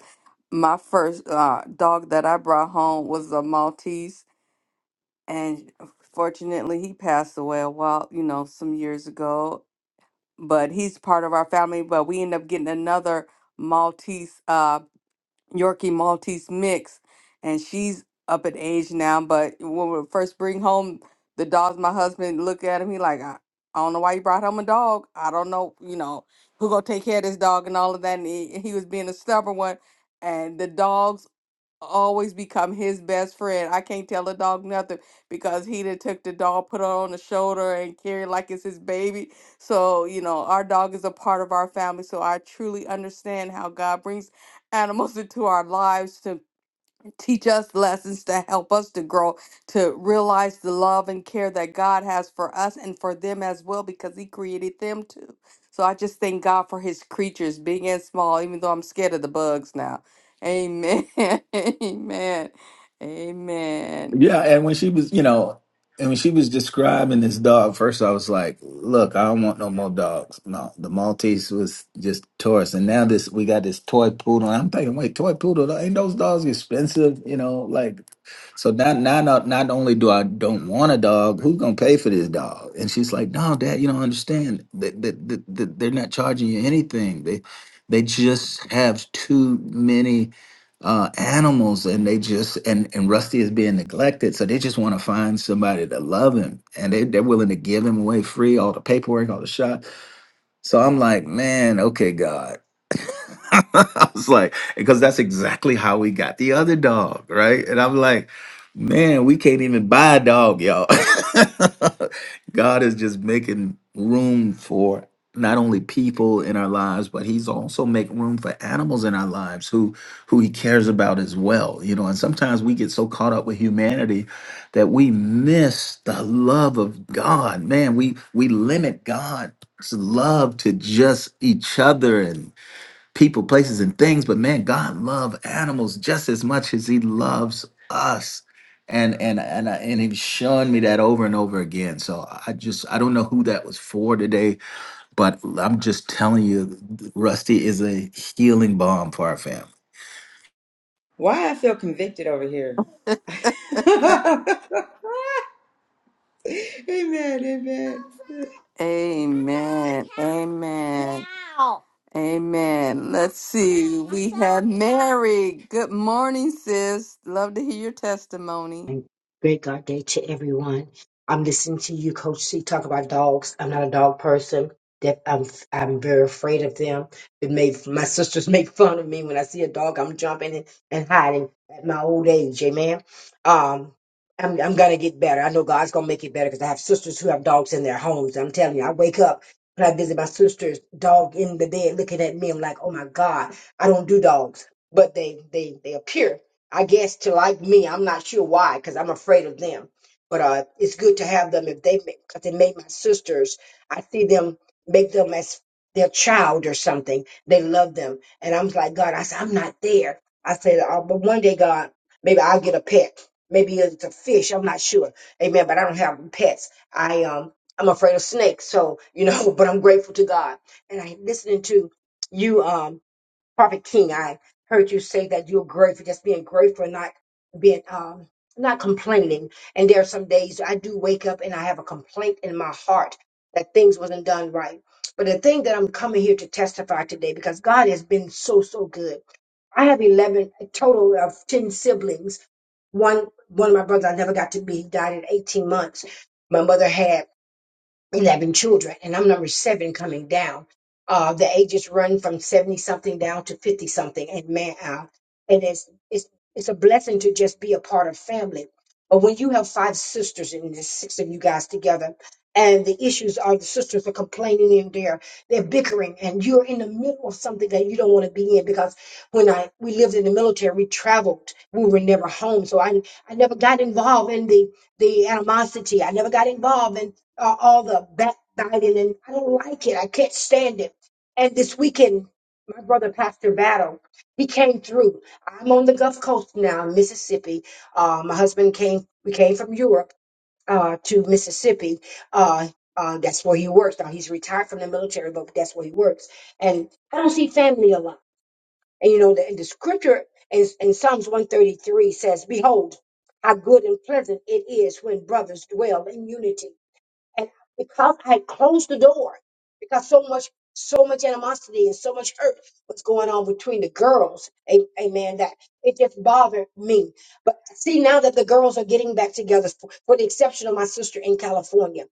my first uh, dog that I brought home was a Maltese. And fortunately, he passed away a while, you know, some years ago. but he's part of our family. But we end up getting another Maltese, uh, Yorkie Maltese mix, and she's up in age now. But when we first bring home the dogs, my husband look at him, he like, I, I don't know why you brought home a dog. I don't know, you know, who gonna take care of this dog and all of that. And he, he was being a stubborn one, and the dogs always become his best friend. I can't tell the dog nothing because he done took the dog, put her on the shoulder, and carry like it's his baby. So you know, our dog is a part of our family. So I truly understand how God brings animals <laughs> into our lives to. Teach us lessons to help us to grow, to realize the love and care that God has for us and for them as well, because He created them too. So I just thank God for His creatures, big and small, even though I'm scared of the bugs now. Amen. <laughs> Amen. Amen.
Yeah, and when she was, you know, and when she was describing this dog, first I was like, "Look, I don't want no more dogs." No, the Maltese was just Taurus, and now this we got this toy poodle. And I'm thinking, wait, toy poodle? Ain't those dogs expensive? You know, like so. Now, now, not not only do I don't want a dog, who's gonna pay for this dog? And she's like, "No, Dad, you don't understand. That that that they're not charging you anything. They they just have too many." uh, animals and they just and and Rusty is being neglected, so they just want to find somebody to love him, and they they're willing to give him away free, all the paperwork, all the shots. So I'm like, man, okay, God. <laughs> I was like, because that's exactly how we got the other dog, right? And I'm like, man, we can't even buy a dog, y'all. <laughs> God is just making room for not only people in our lives, but He's also making room for animals in our lives who who He cares about as well. You know, and sometimes we get so caught up with humanity that we miss the love of God. Man, we we limit God's love to just each other people, places, and things. But man, God loves animals just as much as He loves us, and and and I- and He's shown me that over and over again. So I just I don't know who that was for today, but I'm just telling you, Rusty is a healing balm for our family.
Why I feel convicted over here? <laughs> amen. Amen.
Amen. Amen. Amen. Let's see. We have Mary. Good morning, sis. Love to hear your testimony.
and great God day to everyone. I'm listening to you, Coach C, talk about dogs. I'm not a dog person. That I'm I'm very afraid of them. It made my sisters <laughs> make fun of me when I see a dog. I'm jumping and, and hiding at my old age. Amen. Um, I'm I'm gonna get better. I know God's gonna make it better because I have sisters who have dogs in their homes. I'm telling you, I wake up when I visit my sister's dog in the bed looking at me. I'm like, oh my God, I don't do dogs, but they they they appear I guess to like me, I'm not sure why, because I'm afraid of them. But uh, it's good to have them if they make, cause they made my sisters. I see them make them as their child or something. They love them, and I'm like God. I said I'm not there. I said, uh, but one day, God, maybe I'll get a pet. Maybe it's a fish. I'm not sure. Amen. But I don't have pets. I um I'm afraid of snakes. So you know, <laughs> but I'm grateful to God. And I listening to you. Um. Prophet King, I heard you say that you're grateful, just being grateful, not being um not complaining. And there are some days I do wake up and I have a complaint in my heart that things wasn't done right. But the thing that I'm coming here to testify today, because God has been so so good. I have eleven a total of ten siblings. One one of my brothers I never got to meet. He died at 18 months. My mother had. 11 children, and I'm number seven coming down. Uh, the ages run from 70 something down to 50 something, and man, uh, and it's, it's, it's a blessing to just be a part of family. But when you have five sisters and there's six of you guys together, and the issues are the sisters are complaining and they're they're bickering, and you're in the middle of something that you don't want to be in because when I we lived in the military, we traveled, we were never home, so I I never got involved in the the animosity. I never got involved in uh, all the backbiting and I don't like it. I can't stand it. And this weekend, my brother Pastor Battle, he came through. I'm on the Gulf Coast now, Mississippi. Uh, my husband came. We came from Europe uh, to Mississippi. Uh, uh, that's where he works now. He's retired from the military, but that's where he works. And I don't see family a lot. And you know, the, and the scripture is in Psalms 133 says, "Behold, how good and pleasant it is when brothers dwell in unity." And because I closed the door, because so much, so much animosity and so much hurt was going on between the girls, a- amen, that it just bothered me. But see, now that the girls are getting back together, for, for the exception of my sister in California.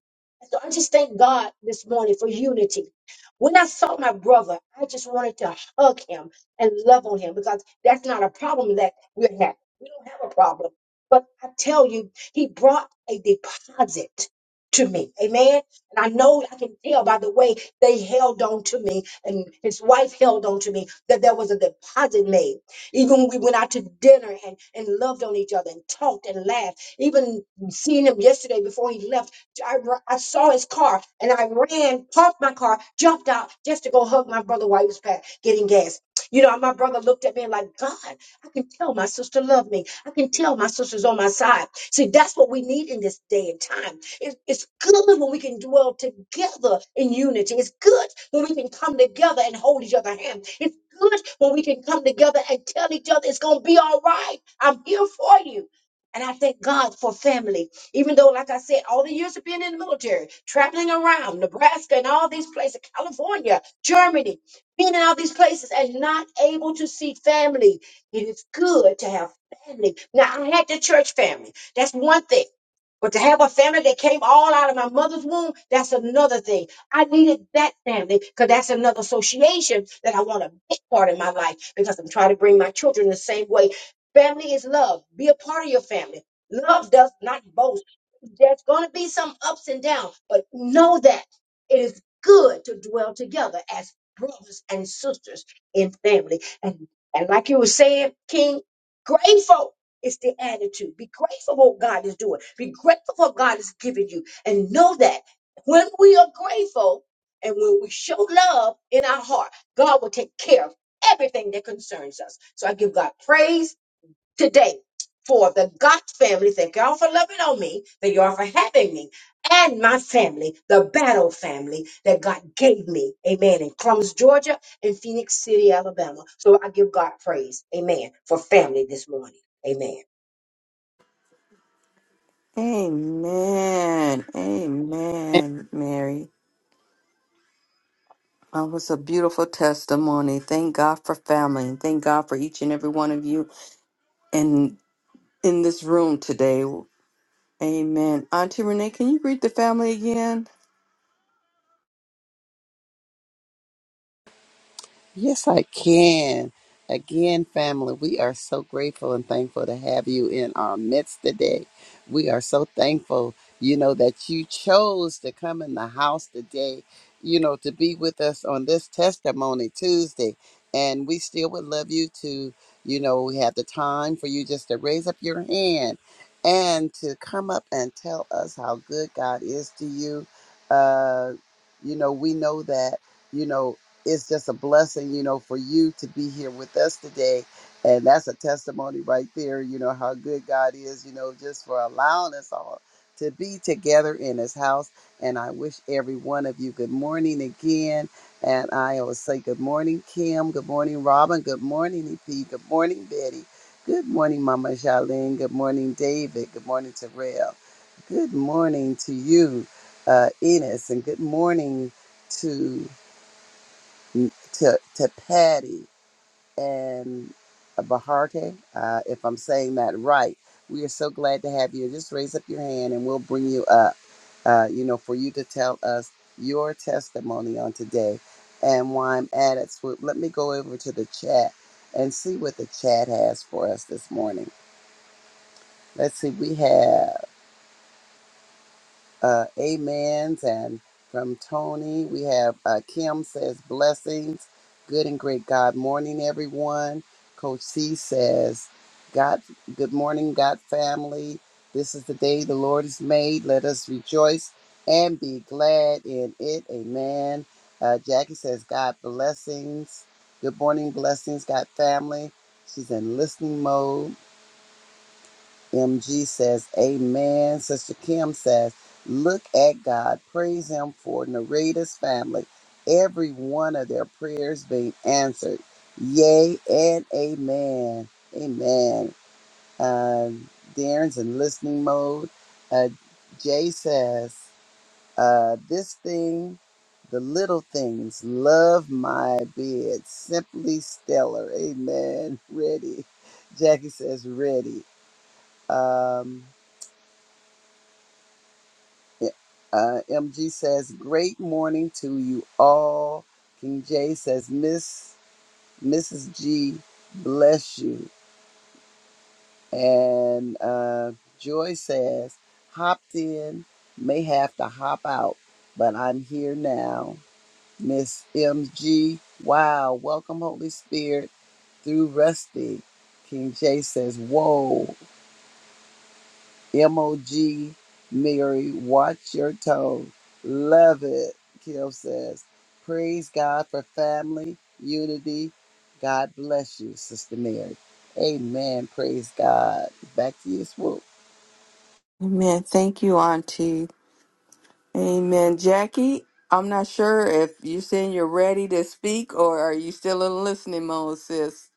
So I just thank God this morning for unity. When I saw my brother, I just wanted to hug him and love on him because that's not a problem that we have. We don't have a problem. But I tell you, he brought a deposit to me. Amen. And I know I can tell by the way they held on to me and his wife held on to me that there was a deposit made. Even when we went out to dinner and, and loved on each other and talked and laughed. Even seeing him yesterday before he left, I, r- I saw his car and I ran, parked my car, jumped out just to go hug my brother while he was pa- getting gas. You know, my brother looked at me and like, God, I can tell my sister loved me. I can tell my sister's on my side. See, that's what we need in this day and time. It- it's good when we can dwell together in unity. It's good when we can come together and hold each other hand. It's good when we can come together and tell each other it's going to be all right. I'm here for you. And I thank God for family. Even though, like I said, all the years of being in the military, traveling around Nebraska and all these places, California, Germany, being in all these places and not able to see family. It is good to have family. Now, I had the church family. That's one thing. But to have a family that came all out of my mother's womb, that's another thing. I needed that family because that's another association that I want a big part in my life because I'm trying to bring my children the same way. Family is love. Be a part of your family. Love does not boast. There's going to be some ups and downs, but know that it is good to dwell together as brothers and sisters in family. And, and like you were saying, King, grateful. It's the attitude. Be grateful for what God is doing. Be grateful for what God is giving you. And know that when we are grateful and when we show love in our heart, God will take care of everything that concerns us. So I give God praise today for the God family. Thank y'all for loving on me. Thank y'all for having me and my family, the battle family that God gave me. Amen. In Crumbs, Georgia in Phoenix City, Alabama. So I give God praise. Amen. For family this morning. Amen.
Amen. Amen, Mary. That was a beautiful testimony. Thank God for family and thank God for each and every one of you in in this room today. Amen. Auntie Renee, can you greet the family again?
Yes, I can. Again, family, we are so grateful and thankful to have you in our midst today. We are so thankful, you know, that you chose to come in the house today, you know, to be with us on this testimony Tuesday. And we still would love you to, you know, we have the time for you just to raise up your hand and to come up and tell us how good God is to you. Uh, you know, we know that, you know, it's just a blessing, you know, for you to be here with us today. And that's a testimony right there, you know, how good God is, you know, just for allowing us all to be together in his house. And I wish every one of you good morning again. And I will say good morning, Kim. Good morning, Robin. Good morning, EP. Good morning, Betty. Good morning, Mama Charlene. Good morning, David. Good morning, Terrell. Good morning to you, uh, Enos. And good morning to to to Patty and Baharte, uh, if I'm saying that right. We are so glad to have you. Just raise up your hand and we'll bring you up, uh, you know, for you to tell us your testimony on today. And while I'm at it, Swoop, let me go over to the chat and see what the chat has for us this morning. Let's see, we have. uh, amens and from Tony. We have uh, Kim says blessings, good and great God morning, everyone. Coach C says, God, good morning, God family. This is the day the Lord has made. Let us rejoice and be glad in it. Amen. Uh, Jackie says, God blessings. Good morning, blessings, God family. She's in listening mode. MG says, Amen. Sister Kim says, Look at God. Praise Him for Narita's family. Every one of their prayers being answered. Yay and amen. Amen. Uh, Darren's in listening mode. Uh, Jay says, uh, This thing, the little things, love my bed. Simply stellar. Amen. <laughs> Ready. Jackie says, Ready. Um, Uh, MG says, "Great morning to you all." King J says, "Miss Mrs. G, bless you." And uh, Joy says, "Hopped in, may have to hop out, but I'm here now." Miss MG, wow, welcome Holy Spirit through Rusty. King J says, "Whoa." MOG Mary, watch your tone. Love it, Kim says. Praise God for family, unity. God bless you, Sister Mary. Amen. Praise God. Back to you, Swoop.
Amen. Thank you, Auntie. Amen. Jackie, I'm not sure if you're saying you're ready to speak or are you still in listening mode, sis?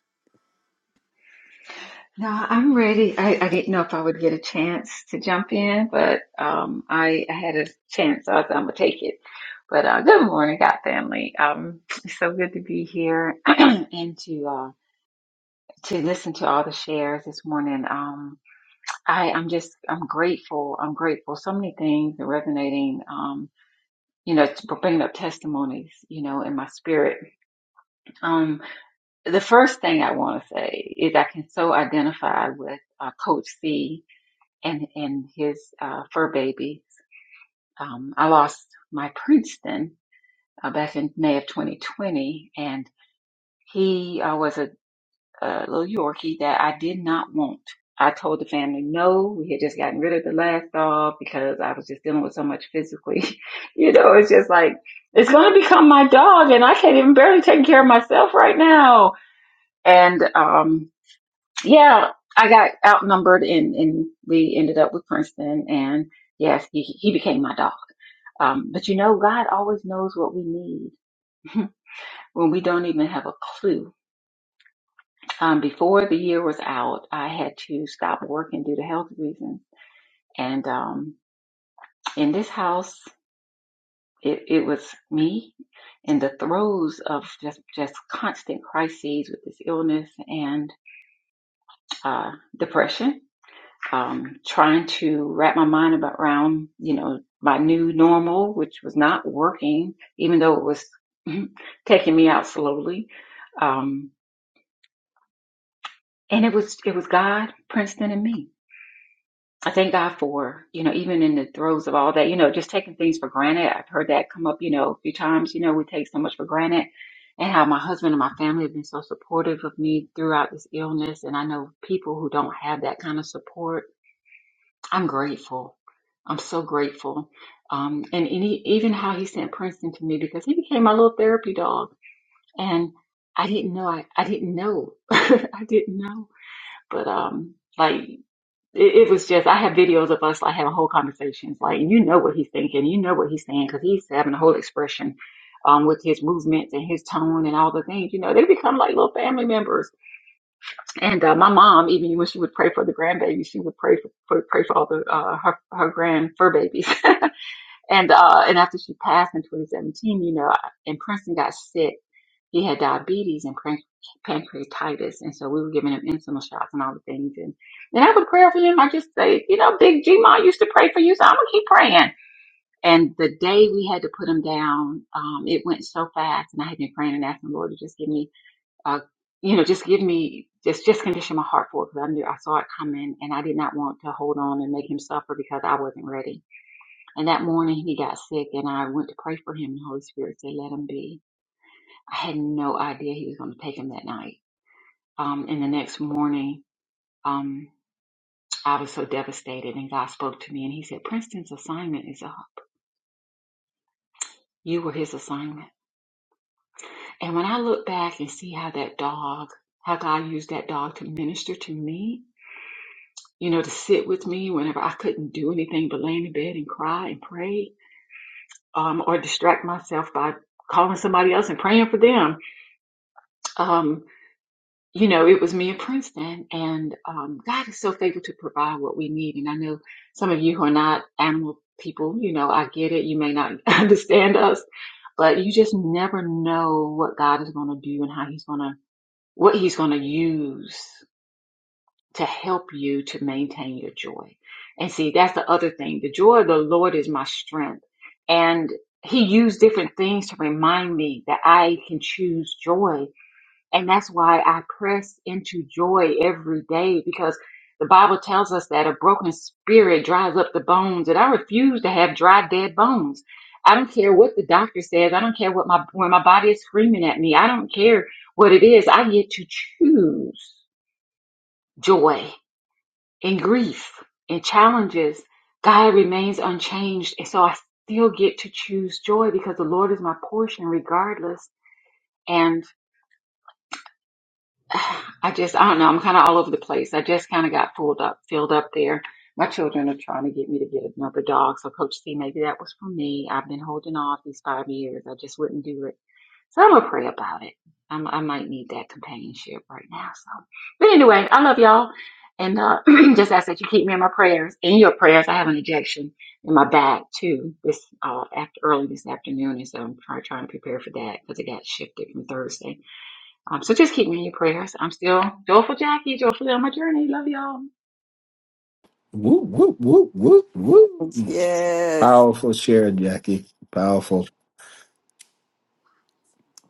Woo woo woo woo woo.
Yes.
Powerful share, Jackie. Powerful.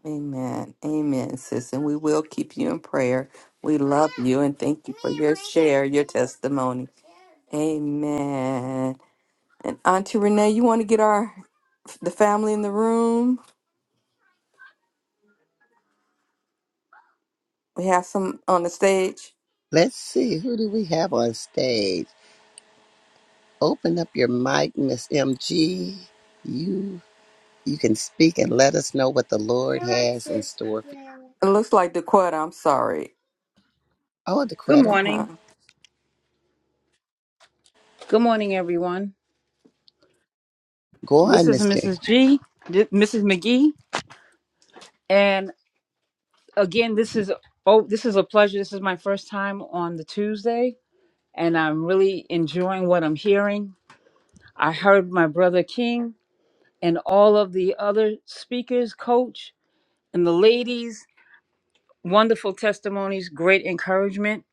Amen. Amen, sis. And we will keep you in prayer. We love you and thank you for your share, your testimony. Amen. And Auntie Renee, you want to get our the family in the room? We have some on the stage.
Let's see, who do we have on stage? Open up your mic, Miss MG. You you can speak and let us know what the Lord has in store for you.
It looks like Dakota. I'm sorry.
Oh,
Good
Dequetta.
Uh-huh.
morning. Good morning, everyone.
Go
This
on,
is
Mister.
Mrs. G, th- Mrs. McGee, and again, this is oh, this is a pleasure. This is my first time on the Tuesday, and I'm really enjoying what I'm hearing. I heard my brother King and all of the other speakers, coach, and the ladies. Wonderful testimonies, great encouragement.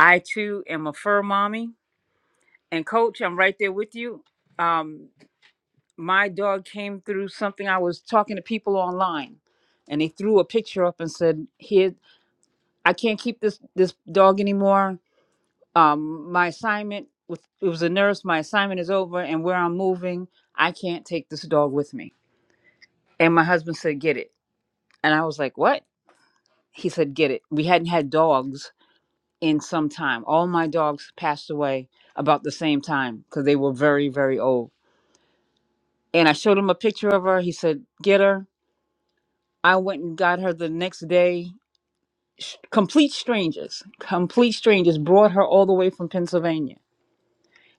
I too am a fur mommy, and coach, I'm right there with you. Um, my dog came through something I was talking to people online and they threw a picture up and said, Here I can't keep this this dog anymore. Um my assignment with it was a nurse, my assignment is over and where I'm moving, I can't take this dog with me. And my husband said, Get it. And I was like, What? He said, Get it. We hadn't had dogs in some time. All my dogs passed away about the same time because they were very, very old. And I showed him a picture of her. He said, Get her. I went and got her the next day. Complete strangers, complete strangers brought her all the way from Pennsylvania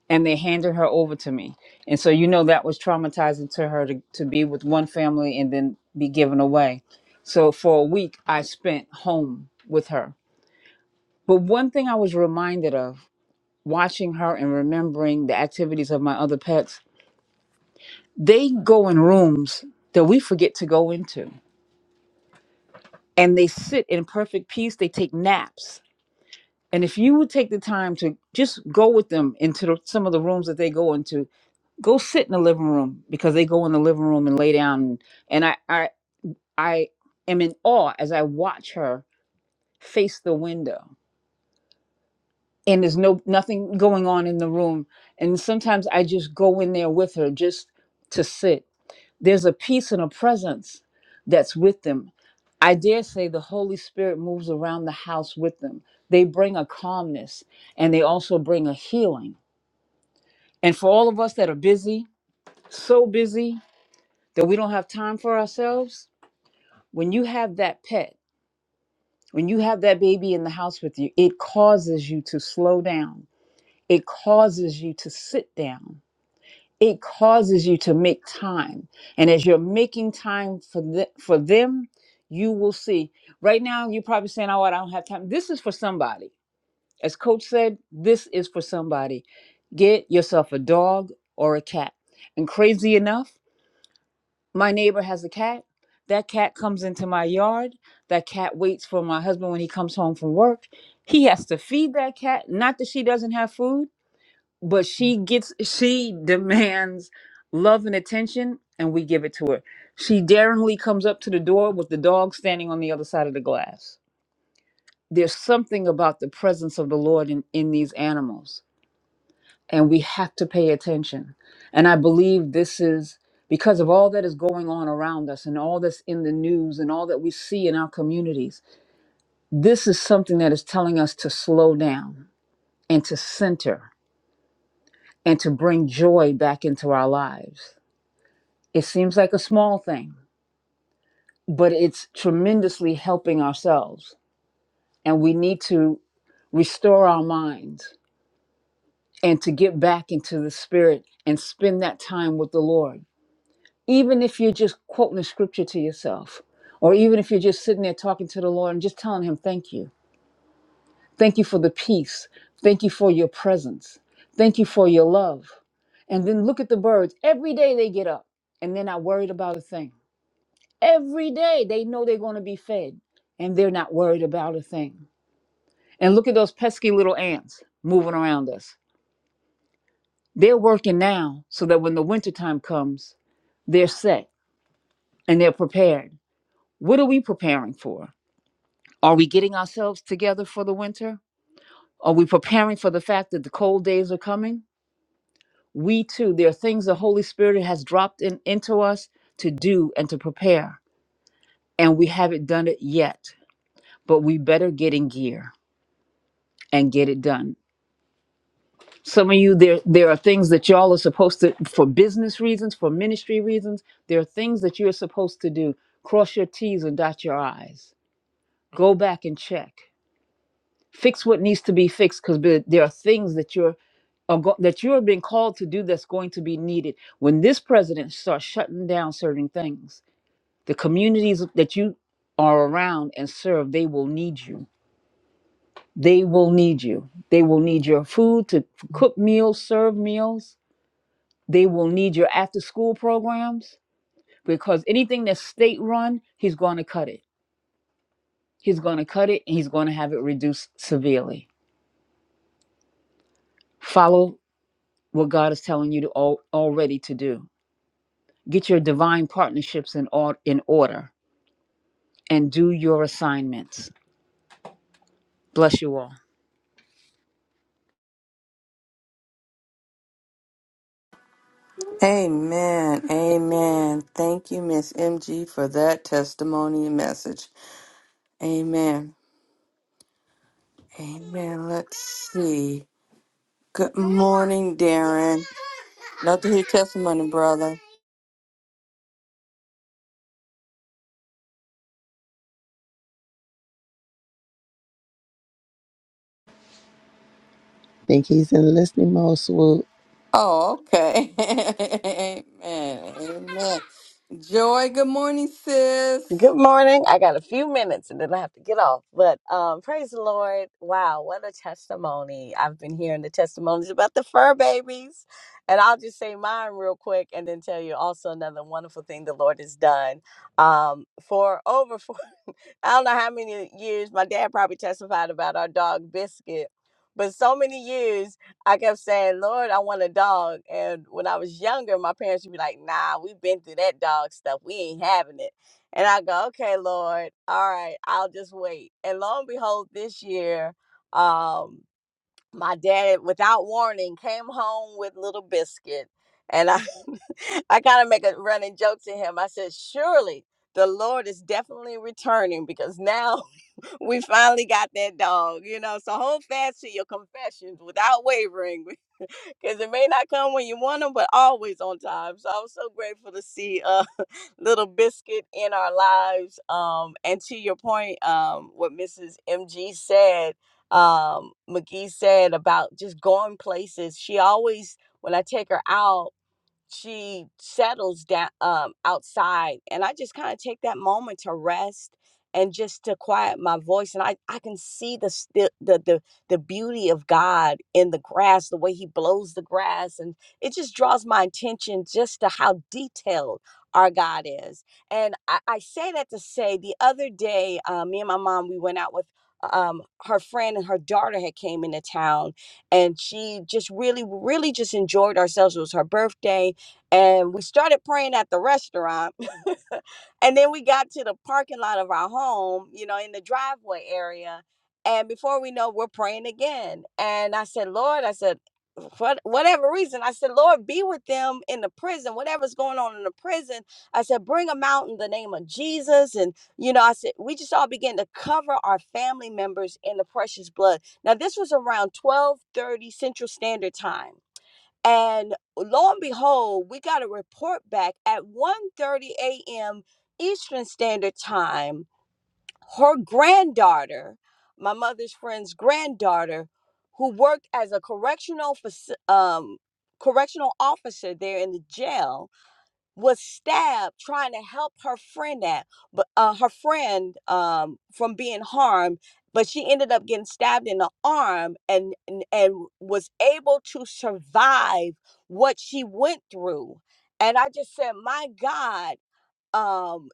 and they handed her over to me. And so, you know, that was traumatizing to her to, to be with one family and then be given away. So, for a week, I spent home with her. But one thing I was reminded of watching her and remembering the activities of my other pets, they go in rooms that we forget to go into and they sit in perfect peace. They take naps And if you would take the time to just go with them into the, some of the rooms that they go into, go sit in the living room because they go in the living room and lay down. And and I, I, I am in awe as I watch her face the window. And there's no nothing going on in the room. And sometimes I just go in there with her just to sit. There's a peace and a presence that's with them. I dare say the Holy Spirit moves around the house with them. They bring a calmness and they also bring a healing And for all of us that are busy, so busy that we don't have time for ourselves, when you have that pet, when you have that baby in the house with you, it causes you to slow down. It causes you to sit down. It causes you to make time. And as you're making time for, the, for them, you will see. Right now, you're probably saying, oh, I don't have time. This is for somebody. As Coach said, this is for somebody. Get yourself a dog or a cat. And crazy enough, my neighbor has a cat that cat comes into my yard that cat waits for my husband when he comes home from work he has to feed that cat not that she doesn't have food but she gets she demands love and attention and we give it to her she daringly comes up to the door with the dog standing on the other side of the glass there's something about the presence of the lord in, in these animals and we have to pay attention. And I believe this is because of all that is going on around us and all that's in the news and all that we see in our communities. This is something that is telling us to slow down and to center and to bring joy back into our lives. It seems like a small thing, but it's tremendously helping ourselves. And we need to restore our minds and to get back into the spirit and spend that time with the Lord even if you're just quoting the scripture to yourself, or even if you're just sitting there talking to the Lord and just telling Him, Thank you. Thank you for the peace. Thank you for your presence. Thank you for your love. And then look at the birds. Every day they get up and they're not worried about a thing. Every day they know they're going to be fed and they're not worried about a thing. And look at those pesky little ants moving around us. They're working now so that when the wintertime comes, they're set and they're prepared. What are we preparing for? Are we getting ourselves together for the winter? Are we preparing for the fact that the cold days are coming? We too, there are things the Holy Spirit has dropped in, into us to do and to prepare, and we haven't done it yet. But we better get in gear and get it done. Some of you, there there are things that y'all are supposed to, for business reasons, for ministry reasons, there are things that you are supposed to do. Cross your T's and dot your I's. Go back and check. Fix what needs to be fixed because there are things that you're are go- that you have been called to do that's going to be needed when this president starts shutting down certain things the communities that you are around and serve they will need you they will need you they will need your food to cook meals serve meals they will need your after school programs because anything that's state run he's going to cut it he's going to cut it and he's going to have it reduced severely follow what god is telling you to al- already to do Get your divine partnerships in, or- in order and do your assignments. Bless you all.
Amen. Amen. Thank you, Miss MG, for that testimony and message. Amen. Amen. Let's see. Good morning, Darren. Love to hear your testimony, brother.
Think he's in listening mode, Swoop.
Oh, okay. <laughs> Amen. Amen. Joy, good morning, sis.
Good morning. I got a few minutes and then I have to get off. But um, praise the Lord. Wow, what a testimony. I've been hearing the testimonies about the fur babies. And I'll just say mine real quick and then tell you also another wonderful thing the Lord has done um, for over <laughs> 40. I don't know how many years my dad probably testified about our dog Biscuit, but so many years I kept saying, Lord, I want a dog. And when I was younger, my parents would be like, nah, we've been through that dog stuff. We ain't having it. And I go, okay, Lord, all right, I'll just wait. And lo and behold, this year, um, my dad without warning came home with little biscuit and i <laughs> i kind of make a running joke to him i said surely the lord is definitely returning because now we finally got that dog, you know. So hold fast to your confessions without wavering <laughs> because it may not come when you want them, but always on time. So i was so grateful to see uh, <laughs> little biscuit in our lives. Um, and to your point, um, what Mrs. MG said, um, McGee said about just going places. She always, when I take her out she settles down um outside and i just kind of take that moment to rest and just to quiet my voice and i i can see the sti- the the, the beauty of god in the grass the way he blows the grass and it just draws my attention just to how detailed our god is and i, I say that to say the other day uh, me and my mom we went out with um her friend and her daughter had came into town and she just really really just enjoyed ourselves it was her birthday and we started praying at the restaurant <laughs> and then we got to the parking lot of our home you know in the driveway area and before we know we're praying again and i said lord i said for whatever reason i said lord be with them in the prison whatever's going on in the prison i said bring them out in the name of jesus and you know i said we just all began to cover our family members in the precious blood now this was around 12 30 central standard time and lo and behold, we got a report back at 1:30 a.m. Eastern Standard Time. Her granddaughter, my mother's friend's granddaughter, who worked as a correctional faci- um, correctional officer there in the jail, was stabbed trying to help her friend at, but uh, her friend um, from being harmed. But she ended up getting stabbed in the arm and, and and was able to survive what she went through. And I just said, my God, um,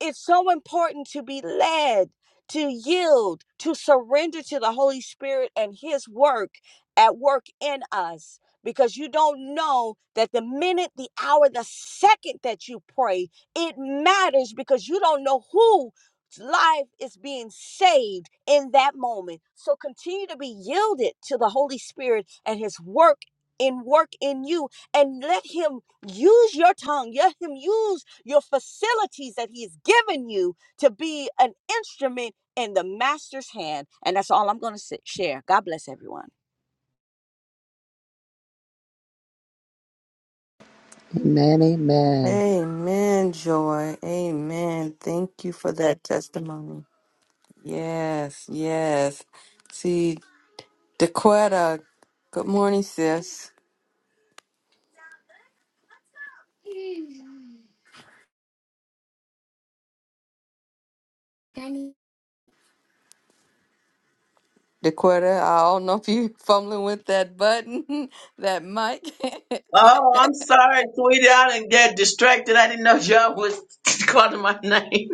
it's so important to be led, to yield, to surrender to the Holy Spirit and His work at work in us. Because you don't know that the minute, the hour, the second that you pray, it matters because you don't know whose life is being saved in that moment. So continue to be yielded to the Holy Spirit and His work in work in you and let him use your tongue let him use your facilities that He's given you to be an instrument in the Master's hand. And that's all I'm going to share. God bless everyone.
Amen, amen.
Amen, Joy. Amen. Thank you for that testimony. Yes, yes. See, Dequetta, good morning, sis. Dequetta, I don't know if you <laughs> fumbling with that button, <laughs> that mic.
Oh, I'm sorry, sweetie. I didn't get distracted. I didn't know y'all was <laughs> calling my name.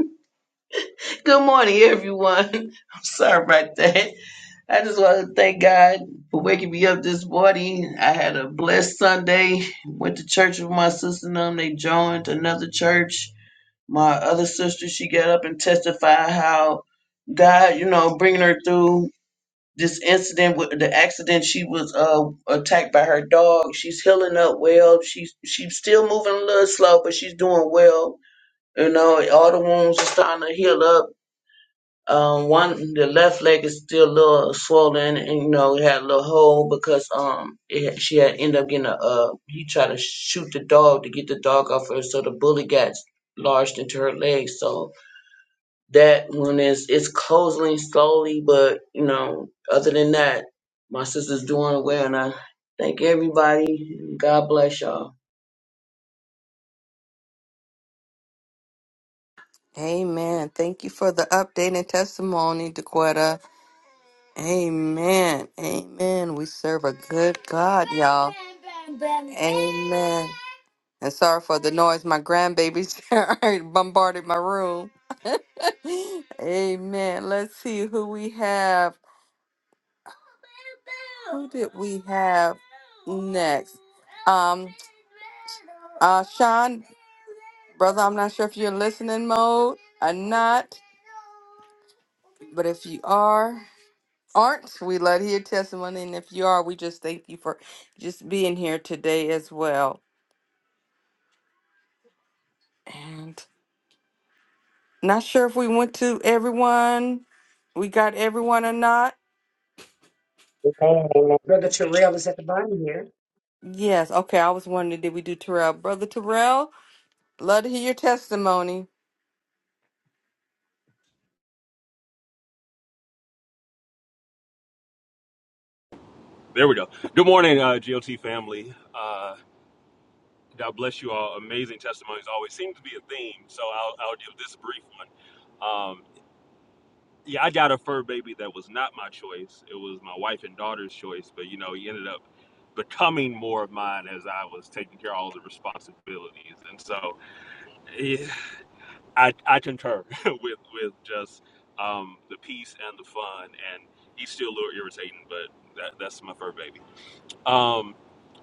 <laughs> Good morning, everyone. <laughs> I'm sorry about that. I just want to thank God for waking me up this morning. I had a blessed Sunday. Went to church with my sister and them. They joined another church. My other sister, she got up and testified how God, you know, bringing her through this incident with the accident she was uh attacked by her dog she's healing up well she's she's still moving a little slow but she's doing well you know all the wounds are starting to heal up um one the left leg is still a little swollen and you know it had a little hole because um it, she had ended up getting a uh he tried to shoot the dog to get the dog off her so the bullet got lodged into her leg so that one is it's closing slowly, but you know, other than that, my sister's doing well, and I thank everybody. God bless y'all.
<laughs> Amen. Thank you for the update and testimony, Dequetta. Amen. Amen. We serve a good God, y'all. Amen. And sorry for the noise. My grandbabies <laughs> bombarded my room. <laughs> Amen. Let's see who we have. Who did we have next? Um, uh, Sean, brother, I'm not sure if you're in listening mode or not, but if you are, aren't, we love to hear testimony. And if you are, we just thank you for just being here today as well. And not sure if we went to everyone. We got everyone or not?
Amen. Amen. Brother Terrell is at the bottom here.
Yes. Okay. I was wondering, did we do Terrell? Brother Terrell, love to hear your testimony.
There we go. Good morning, uh, GOT family. Uh, God bless you all. Amazing testimonies always seem to be a theme, so I'll, I'll give this brief one. Um, yeah, I got a fur baby that was not my choice. It was my wife and daughter's choice, but you know, he ended up becoming more of mine as I was taking care of all the responsibilities. And so eh, I, I concur <laughs> with, with just um, the peace and the fun. And he's still a little irritating, but that, that's my fur baby. Um,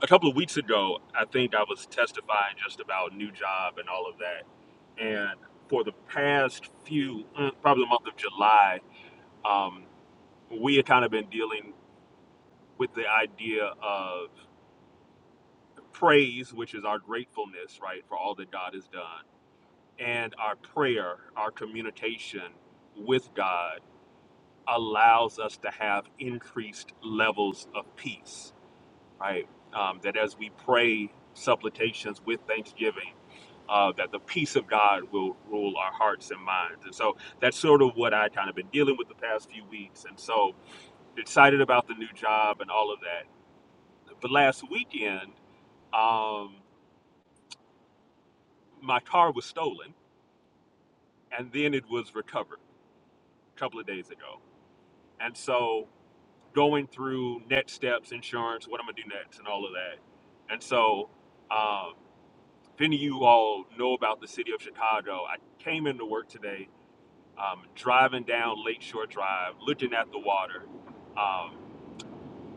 a couple of weeks ago, I think I was testifying just about new job and all of that. And for the past few, mm, probably the month of July, um, we had kind of been dealing with the idea of praise, which is our gratefulness, right, for all that God has done, and our prayer, our communication with God allows us to have increased levels of peace right? Um, that as we pray supplications with thanksgiving, uh, that the peace of God will rule our hearts and minds. And so that's sort of what I kind of been dealing with the past few weeks. And so excited about the new job and all of that. But last weekend, um, my car was stolen and then it was recovered a couple of days ago. And so going through next steps, insurance, what I'm going to do next, and all of that. And so um, If any of you all know about the city of Chicago, I came into work today, um, driving down Lakeshore Drive, looking at the water, um,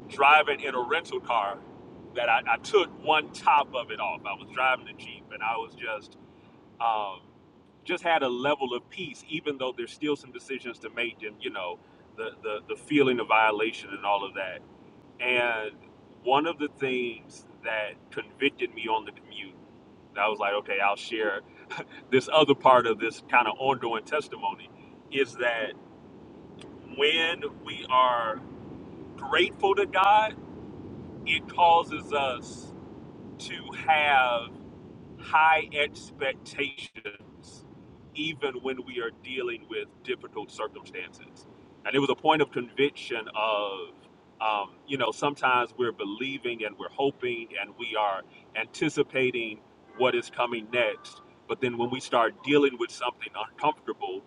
driving in a rental car that I, I took one top of it off. I was driving the Jeep and I was just, um, just had a level of peace, even though there's still some decisions to make and, you know, the, the, the feeling of violation and all of that. And one of the things that convicted me on the commute, I was like, okay, I'll share this other part of this kind of ongoing testimony is that when we are grateful to God, it causes us to have high expectations, even when we are dealing with difficult circumstances. And it was a point of conviction of, um, you know, sometimes we're believing and we're hoping and we are anticipating what is coming next. But then when we start dealing with something uncomfortable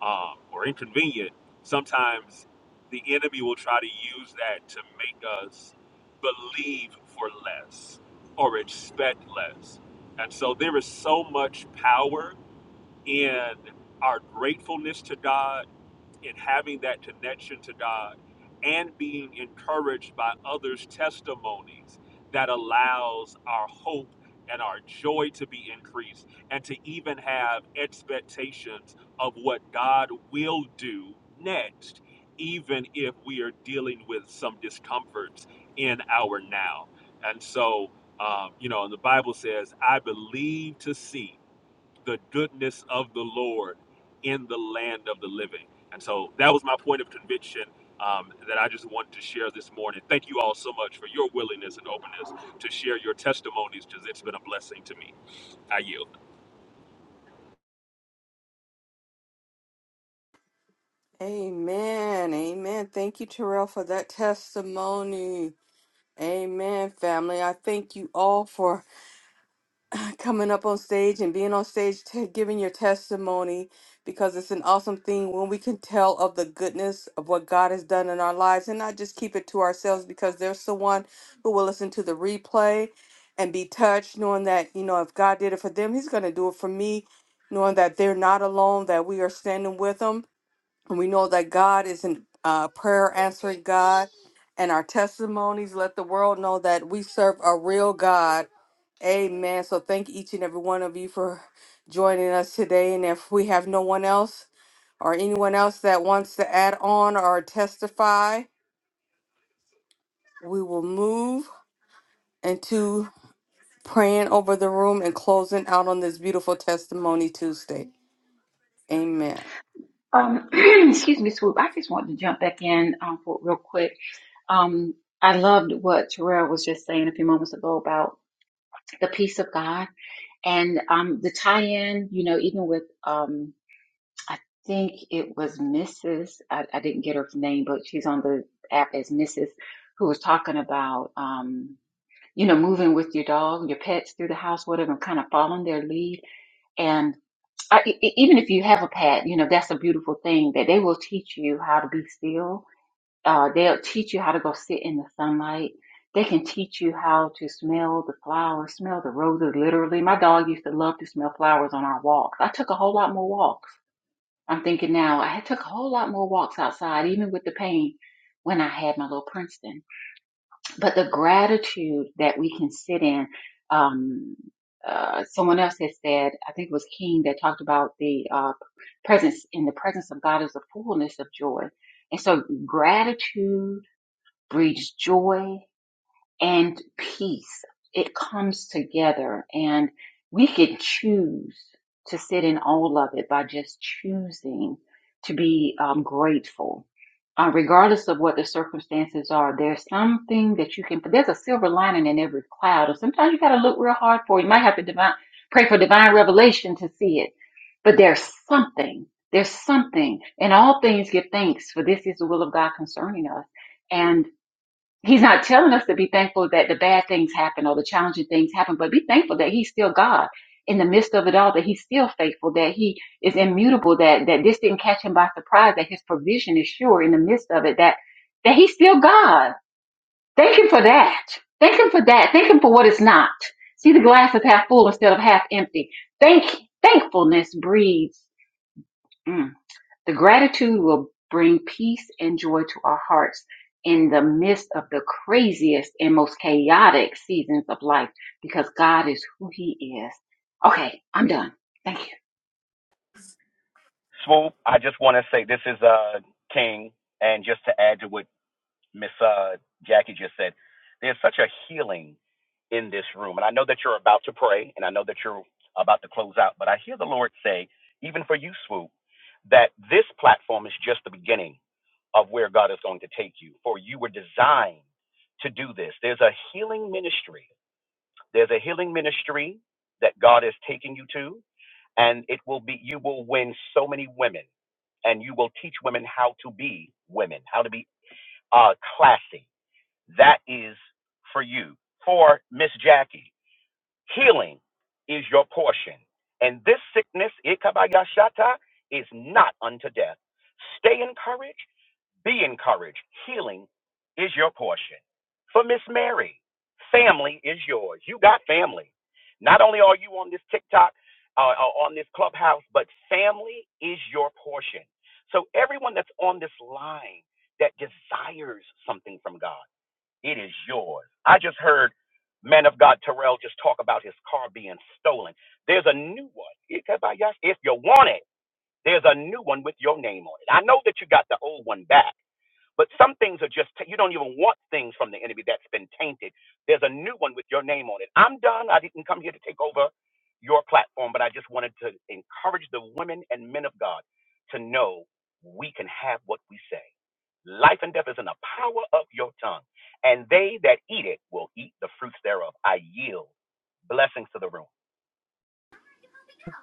um, or inconvenient, sometimes the enemy will try to use that to make us believe for less or expect less and so there is so much power in our gratefulness to God in having that connection to God and being encouraged by others' testimonies that allows our hope and our joy to be increased and to even have expectations of what God will do next, even if we are dealing with some discomforts in our now. And so, um, you know, and the Bible says, I believe to see the goodness of the Lord in the land of the living. And so that was my point of conviction um, that I just wanted to share this morning. Thank you all so much for your willingness and openness to share your testimonies because it's been a blessing to me. I yield.
Amen. Amen. Thank you, Terrell, for that testimony. Amen, family. I thank you all for coming up on stage and being on stage, t- giving your testimony, because it's an awesome thing when we can tell of the goodness of what God has done in our lives and not just keep it to ourselves, because there's someone who will listen to the replay and be touched, knowing that, you know, if God did it for them, He's going to do it for me, knowing that they're not alone, that we are standing with them. And we know that God is a uh, prayer answering God. And our testimonies let the world know that we serve a real God Amen. So thank each and every one of you for joining us today. And if we have no one else or anyone else that wants to add on or testify, we will move into praying over the room and closing out on this beautiful testimony Tuesday. Amen.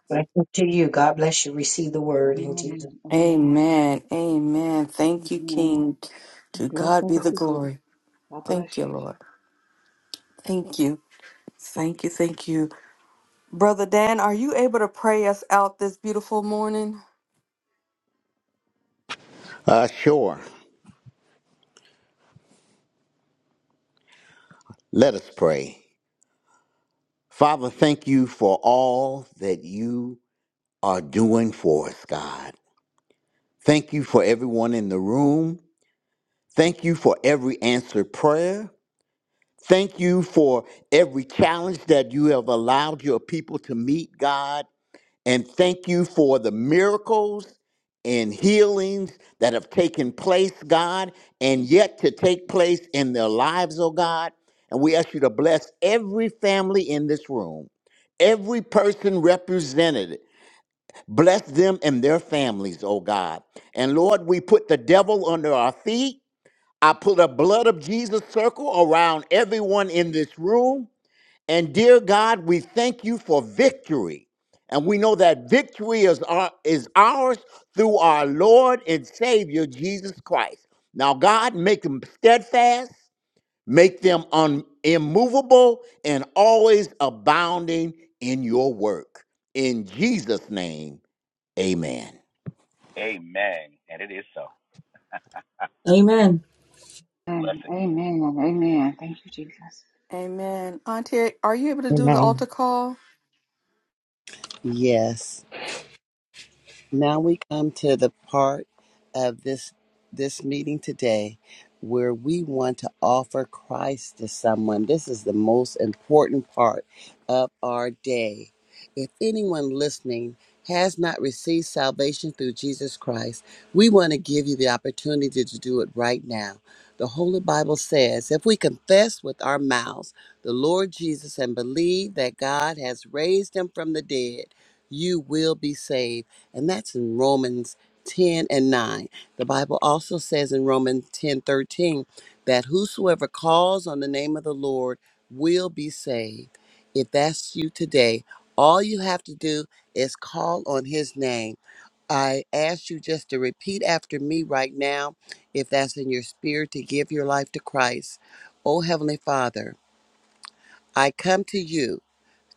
Blessings to you. God bless you. Receive the word in Jesus.
Amen. Amen. Thank you, King. To God be the glory. Thank you, Lord. Thank you. Thank you. Thank you. Brother Dan, are you able to pray us out this beautiful morning?
Uh sure. Let us pray. Father, thank you for all that you are doing for us, God. Thank you for everyone in the room. Thank you for every answered prayer. Thank you for every challenge that you have allowed your people to meet, God. And thank you for the miracles and healings that have taken place, God, and yet to take place in their lives, oh God. And we ask you to bless every family in this room, every person represented. Bless them and their families, oh God. And Lord, we put the devil under our feet I put a blood of Jesus circle around everyone in this room. And dear God, we thank you for victory. And we know that victory is, our, is ours through our Lord and Savior, Jesus Christ. Now, God, make them steadfast, make them un, immovable, and always abounding in your work. In Jesus' name, amen.
Amen.
Amen. Auntie, are you able to do the
Amen.
altar call?
Yes. Now we come to the part of this this meeting today where we want to offer Christ to someone. This is the most important part of our day. If anyone listening has not received salvation through Jesus Christ, we want to give you the opportunity to do it right now. The Holy Bible says, if we confess with our mouths the Lord Jesus and believe that God has raised him from the dead, you will be saved and that's in Romans 10 and 9. The Bible also says in Romans 10 13 that whosoever calls on the name of the Lord will be saved. If that's you today, all you have to do is call on his name. I ask you just to repeat after me right now, if that's in your spirit, to give your life to Christ. Oh, Heavenly Father, I come to you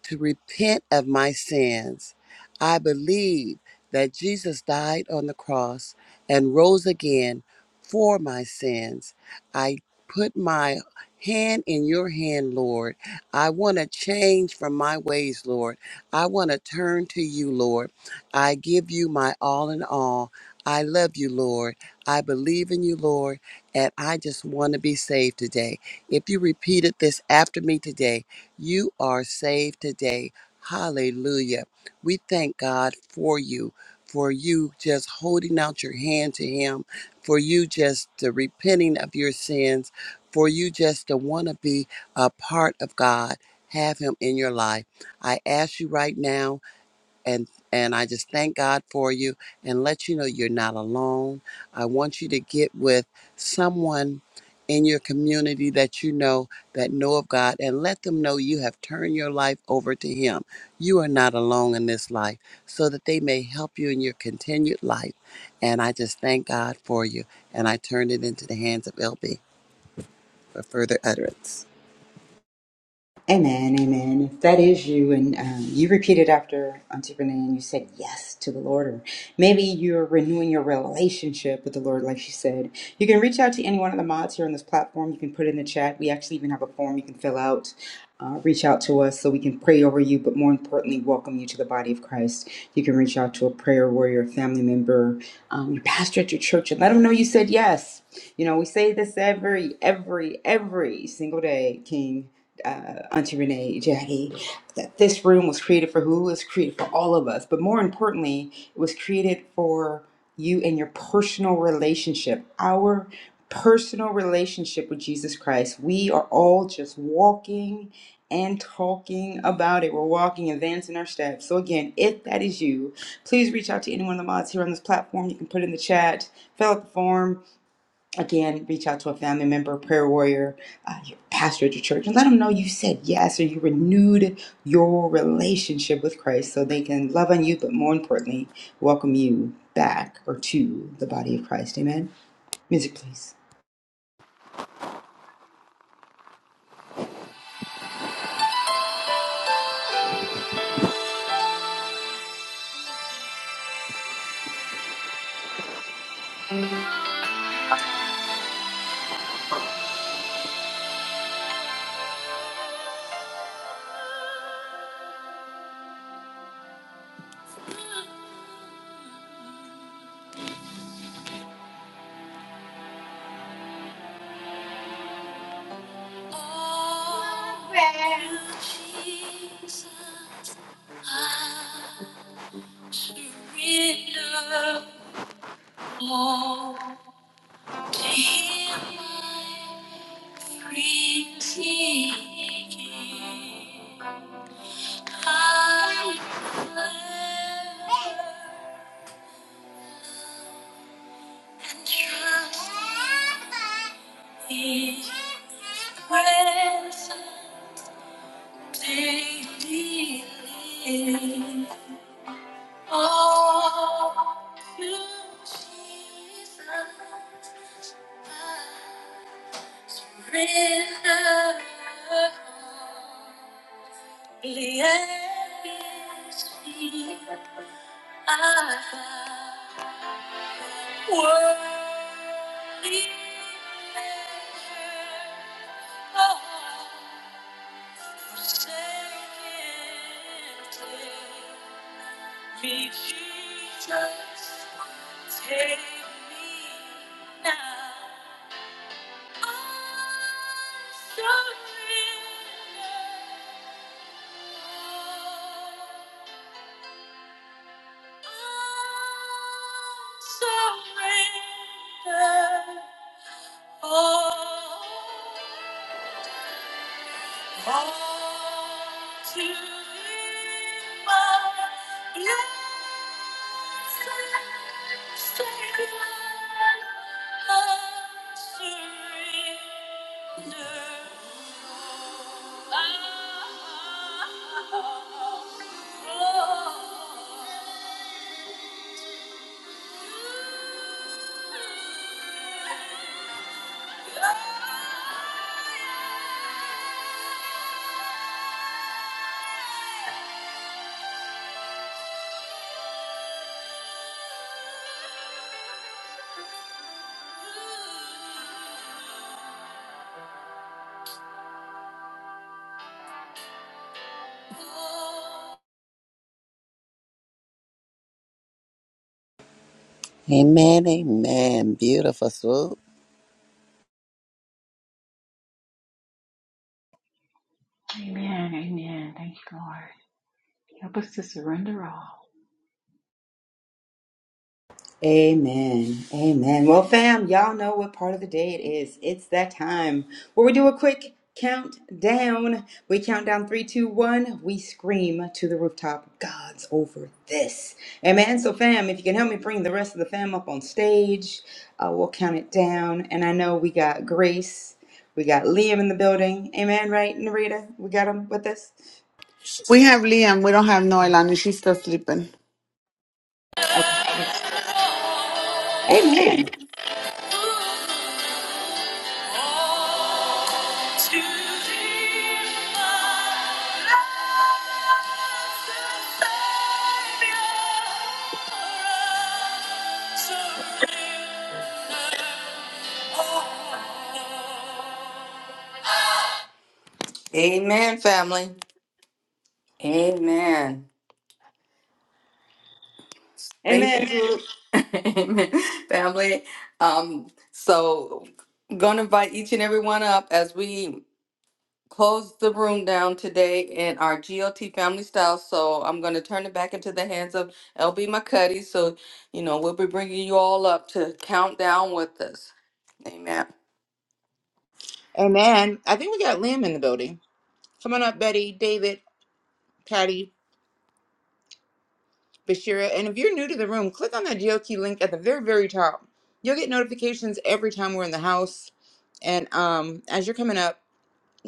to repent of my sins. I believe that Jesus died on the cross and rose again for my sins. I put my hand in your hand, Lord. I want to change from my ways, Lord. I want to turn to you, Lord. I give you my all in all. I love you, Lord. I believe in you, Lord, and I just want to be saved today. If you repeated this after me today, you are saved today. Hallelujah. We thank God for you, for you just holding out your hand to Him, for you just the repenting of your sins, for you just to want to be a part of God, have Him in your life. I ask you right now and and I just thank God for you and let you know you're not alone. I want you to get with someone in your community that you know that know of God and let them know you have turned your life over to him. You are not alone in this life so that they may help you in your continued life. And I just thank God for you and I turn it into the hands of LB for further utterance.
Amen, amen. If that is you and um, you repeated after Auntie Renee and you said yes to the Lord, or maybe you're renewing your relationship with the Lord, like she said, you can reach out to any one of the mods here on this platform. You can put it in the chat. We actually even have a form you can fill out. Uh, reach out to us so we can pray over you, but more importantly, welcome you to the body of Christ. You can reach out to a prayer warrior, a family member, um, your pastor at your church, and let them know you said yes. You know, we say this every, every, every single day, King uh, Auntie Renee, Jackie, that this room was created for who? It was created for all of us. But more importantly, it was created for you and your personal relationship, our personal relationship with Jesus Christ. We are all just walking and talking about it. We're walking, advancing our steps. So, again, if that is you, please reach out to any one of the mods here on this platform. You can put it in the chat, fill out the form, again, reach out to a family member, prayer warrior, uh, your pastor at your church, and let them know you said yes or you renewed your relationship with Christ so they can love on you, but more importantly, welcome you back or to the body of Christ. Amen. Music, please.
His presence daily lives. All to Jesus I render. Only at His feet I bow. Worthy measure. of Me, Jesus, take me now. I surrender. I surrender. all, all to you, my blessed Savior, I surrender. Oh,
Amen, amen. Beautiful swoop.
Amen. Amen. Well, fam, y'all know what part of the day it is. It's that time where we do a quick countdown. We count down three, two, one. We scream to the rooftop, God's over this. Amen. So, fam, if you can help me bring the rest of the fam up on stage, uh, we'll count it down. And I know we got Grace, we got Liam in the building. Amen, right, Narita? We got him with us?
we have Liam. We don't have Noelani. She's still sleeping.
Oh, yes. Amen.
Amen, family. Amen. Thank you.
Amen. So,
Amen. <laughs> Amen, Family. Um, so gonna invite each and every one up as we closed the room down today in our GOT family style. So I'm going to turn it back into the hands of LB McCuddy. So, you know, we'll be bringing you all up to count down with us. Amen.
Amen. I think we got Liam in the building. Come on up, Betty, David, Patty, Bashira. And if you're new to the room, click on that GeoKey link at the very, very top. You'll get notifications every time we're in the house. And um, as you're coming up,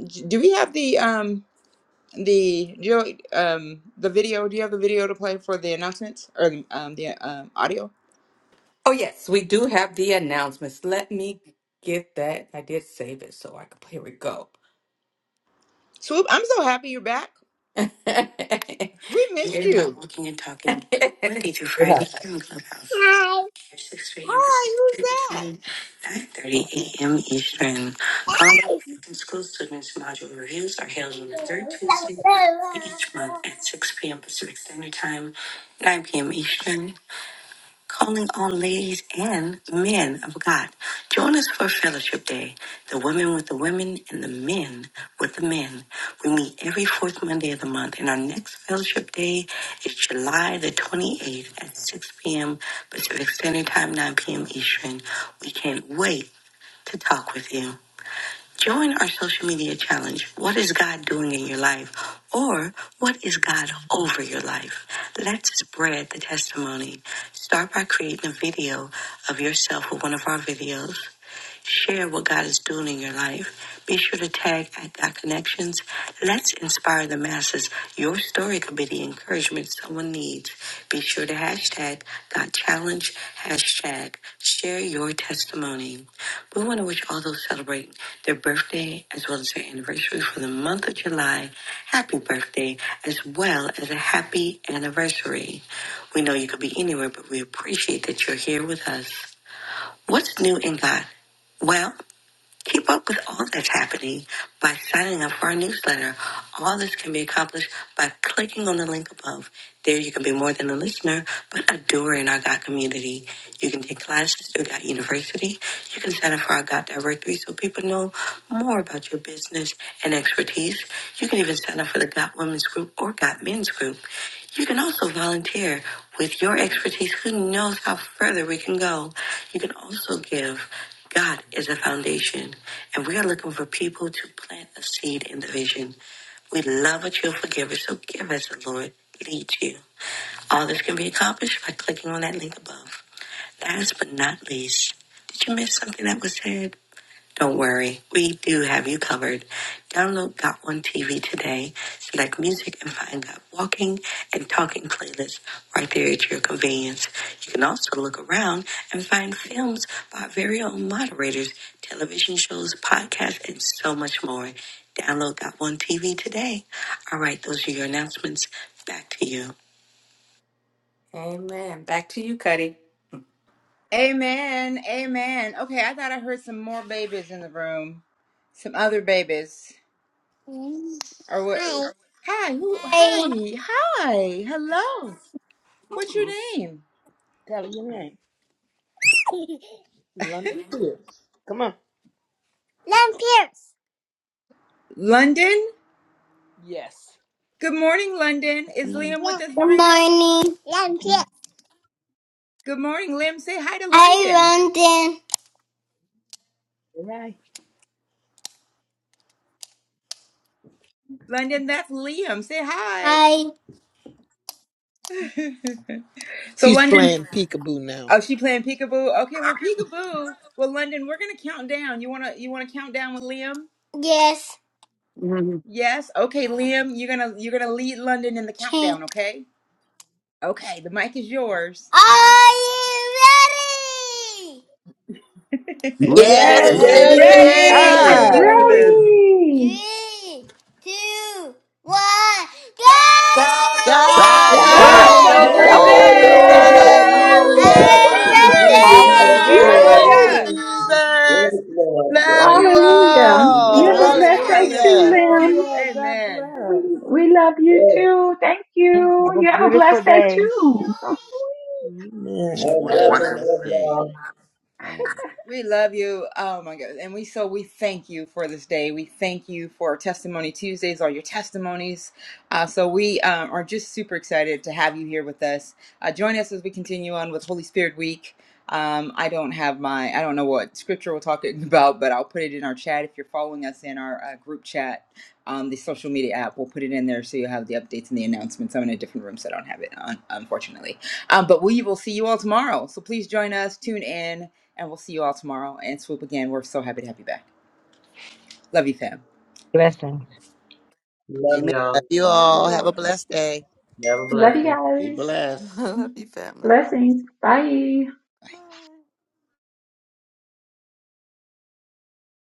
j- do we have the um the Geo um the video? Do you have the video to play for the announcements or the um the um, audio?
Oh, yes, we do have the announcements. Let me get that. I did save it so I could, here we go.
Swoop, I'm so happy you're back.
<laughs>
We missed
Can't talk,
you.
we can't talk in- Monday through Friday.
Hi.
here on Clubhouse.
Hi.
6 p.m.
Hi,
Pacific Standard
who's that?
Time, 9.30 a.m. Eastern. Colorado Christian School Students Module Reviews are held on the third Tuesday
Hi.
of each month at 6 p.m. Pacific Standard Time, 9 p.m. Eastern calling on ladies and men of God. Join us for Fellowship Day, the women with the women and the men with the men. We meet every fourth Monday of the month, and our next Fellowship Day is July the 28th at 6 p.m. Pacific Standard Time, 9 p.m. Eastern. We can't wait to talk with you. Join our social media challenge. What is God doing in your life? Or what is God over your life? Let's spread the testimony. Start by creating a video of yourself with one of our videos. Share what God is doing in your life. Be sure to tag at God Connections. Let's inspire the masses. Your story could be the encouragement someone needs. Be sure to hashtag God Challenge, hashtag share your testimony. We want to wish all those celebrating their birthday as well as their anniversary for the month of July. Happy birthday as well as a happy anniversary. We know you could be anywhere, but we appreciate that you're here with us. What's new in God? Well, Keep up with all that's happening by signing up for our newsletter. All this can be accomplished by clicking on the link above. There you can be more than a listener, but a doer in our God community. You can take classes through God University. You can sign up for our God Directory so people know more about your business and expertise. You can even sign up for the God Women's Group or God Men's Group. You can also volunteer with your expertise. Who knows how further we can go? You can also give. God is a foundation, and we are looking for people to plant a seed in the vision. We love a cheerful giver, so give as the Lord leads you. All this can be accomplished by clicking on that link above. Last but not least, did you miss something that was said? Don't worry, we do have you covered. Download Got One TV today, select music, and find Got Walking and Talking playlists right there at your convenience. You can also look around and find films by our very own moderators, television shows, podcasts, and so much more. Download Got One TV today. All right, those are your announcements. Back to you. Amen. Back to you, Cuddy.
Amen, amen. Okay, I thought I heard some more babies in the room, some other babies. Or what? Hi, who? Hi, hi, hello. What's your name?
Len Pierce.
London. Good morning, London. Is
Come on.
Liam with
Len,
us,
Good
Narita?
morning.
Len
Good morning, Liam. Say hi to London.
Hi, London.
London, that's Liam. Say hi.
Hi.
<laughs> So London, oh, she playing peekaboo. Okay, well peekaboo. Well, London, we're gonna count down. You wanna you wanna count down with Liam?
Yes.
Yes. Okay, Liam, you're gonna you're gonna lead London in the
Okay.
countdown. Okay. Okay, the mic is yours.
Are you ready?
Yes,
Yes,
Ready.
we're
we
Ready? I
Ready.
ready.
live
are.
for this.
Ready!
Three, two, one, go! Happy
God's over
God
God's
Yes,
is
Got
God's
over
God
God's
this.
birthday!
over
over this.
this.
over
over
over
this.
this.
this.
hallelujah.
Love you!
this!
I
Thank
Hallelujah.
you.
Woo!
love
Woo!
Praise
you.
God.
Hallelujah.
Thank you,
Hallelujah.
Yes!
Hallelujah.
Yes,
Jesus.
Lord.
Love
Yes,
you
Hallelujah! You
all.
have a
Hallelujah.
blessed
Oh, I
day
Happy
live for
too,
this
Hallelujah.
Love
moment.
you
Lim.
all.
birthday!
God
Amen.
bless.
We, we love you
yes,
too. Thank you.
Have a
You have a
beautiful
blessed
I
day
day.
will see
too. So
joy.
sweet.
Amen.
Everyone have a
yes,
blessed
love
day.
y'all.
Man,
We love you. Oh my God. And we so we thank you for this day. We thank you for Testimony Tuesdays, all your testimonies. Uh, so we um, are just super excited to have you here with us. Uh, join us as we continue on with Holy Spirit Week. Um, I don't have my, I don't know what scripture we're talking <laughs> about, but I'll put it in our chat if you're following us in our uh, group chat um, the social media app. We'll put it in there so you'll have the updates and the announcements. I'm in a different room, so I don't have it, un- unfortunately. Um, but we will see you all tomorrow. So please join us, tune in, and we'll see you all tomorrow. And Swoop again, we're so happy to have you back. Love you, fam.
Blessings.
Love
Amen. Love
y'all.
you
love
Love
you
all.
you
Have
all.
a
all.
blessed day.
Never bless
Love you
them.
Be
guys.
<laughs>
blessed.
Love you, family.
Blessings. Bye.
Bye.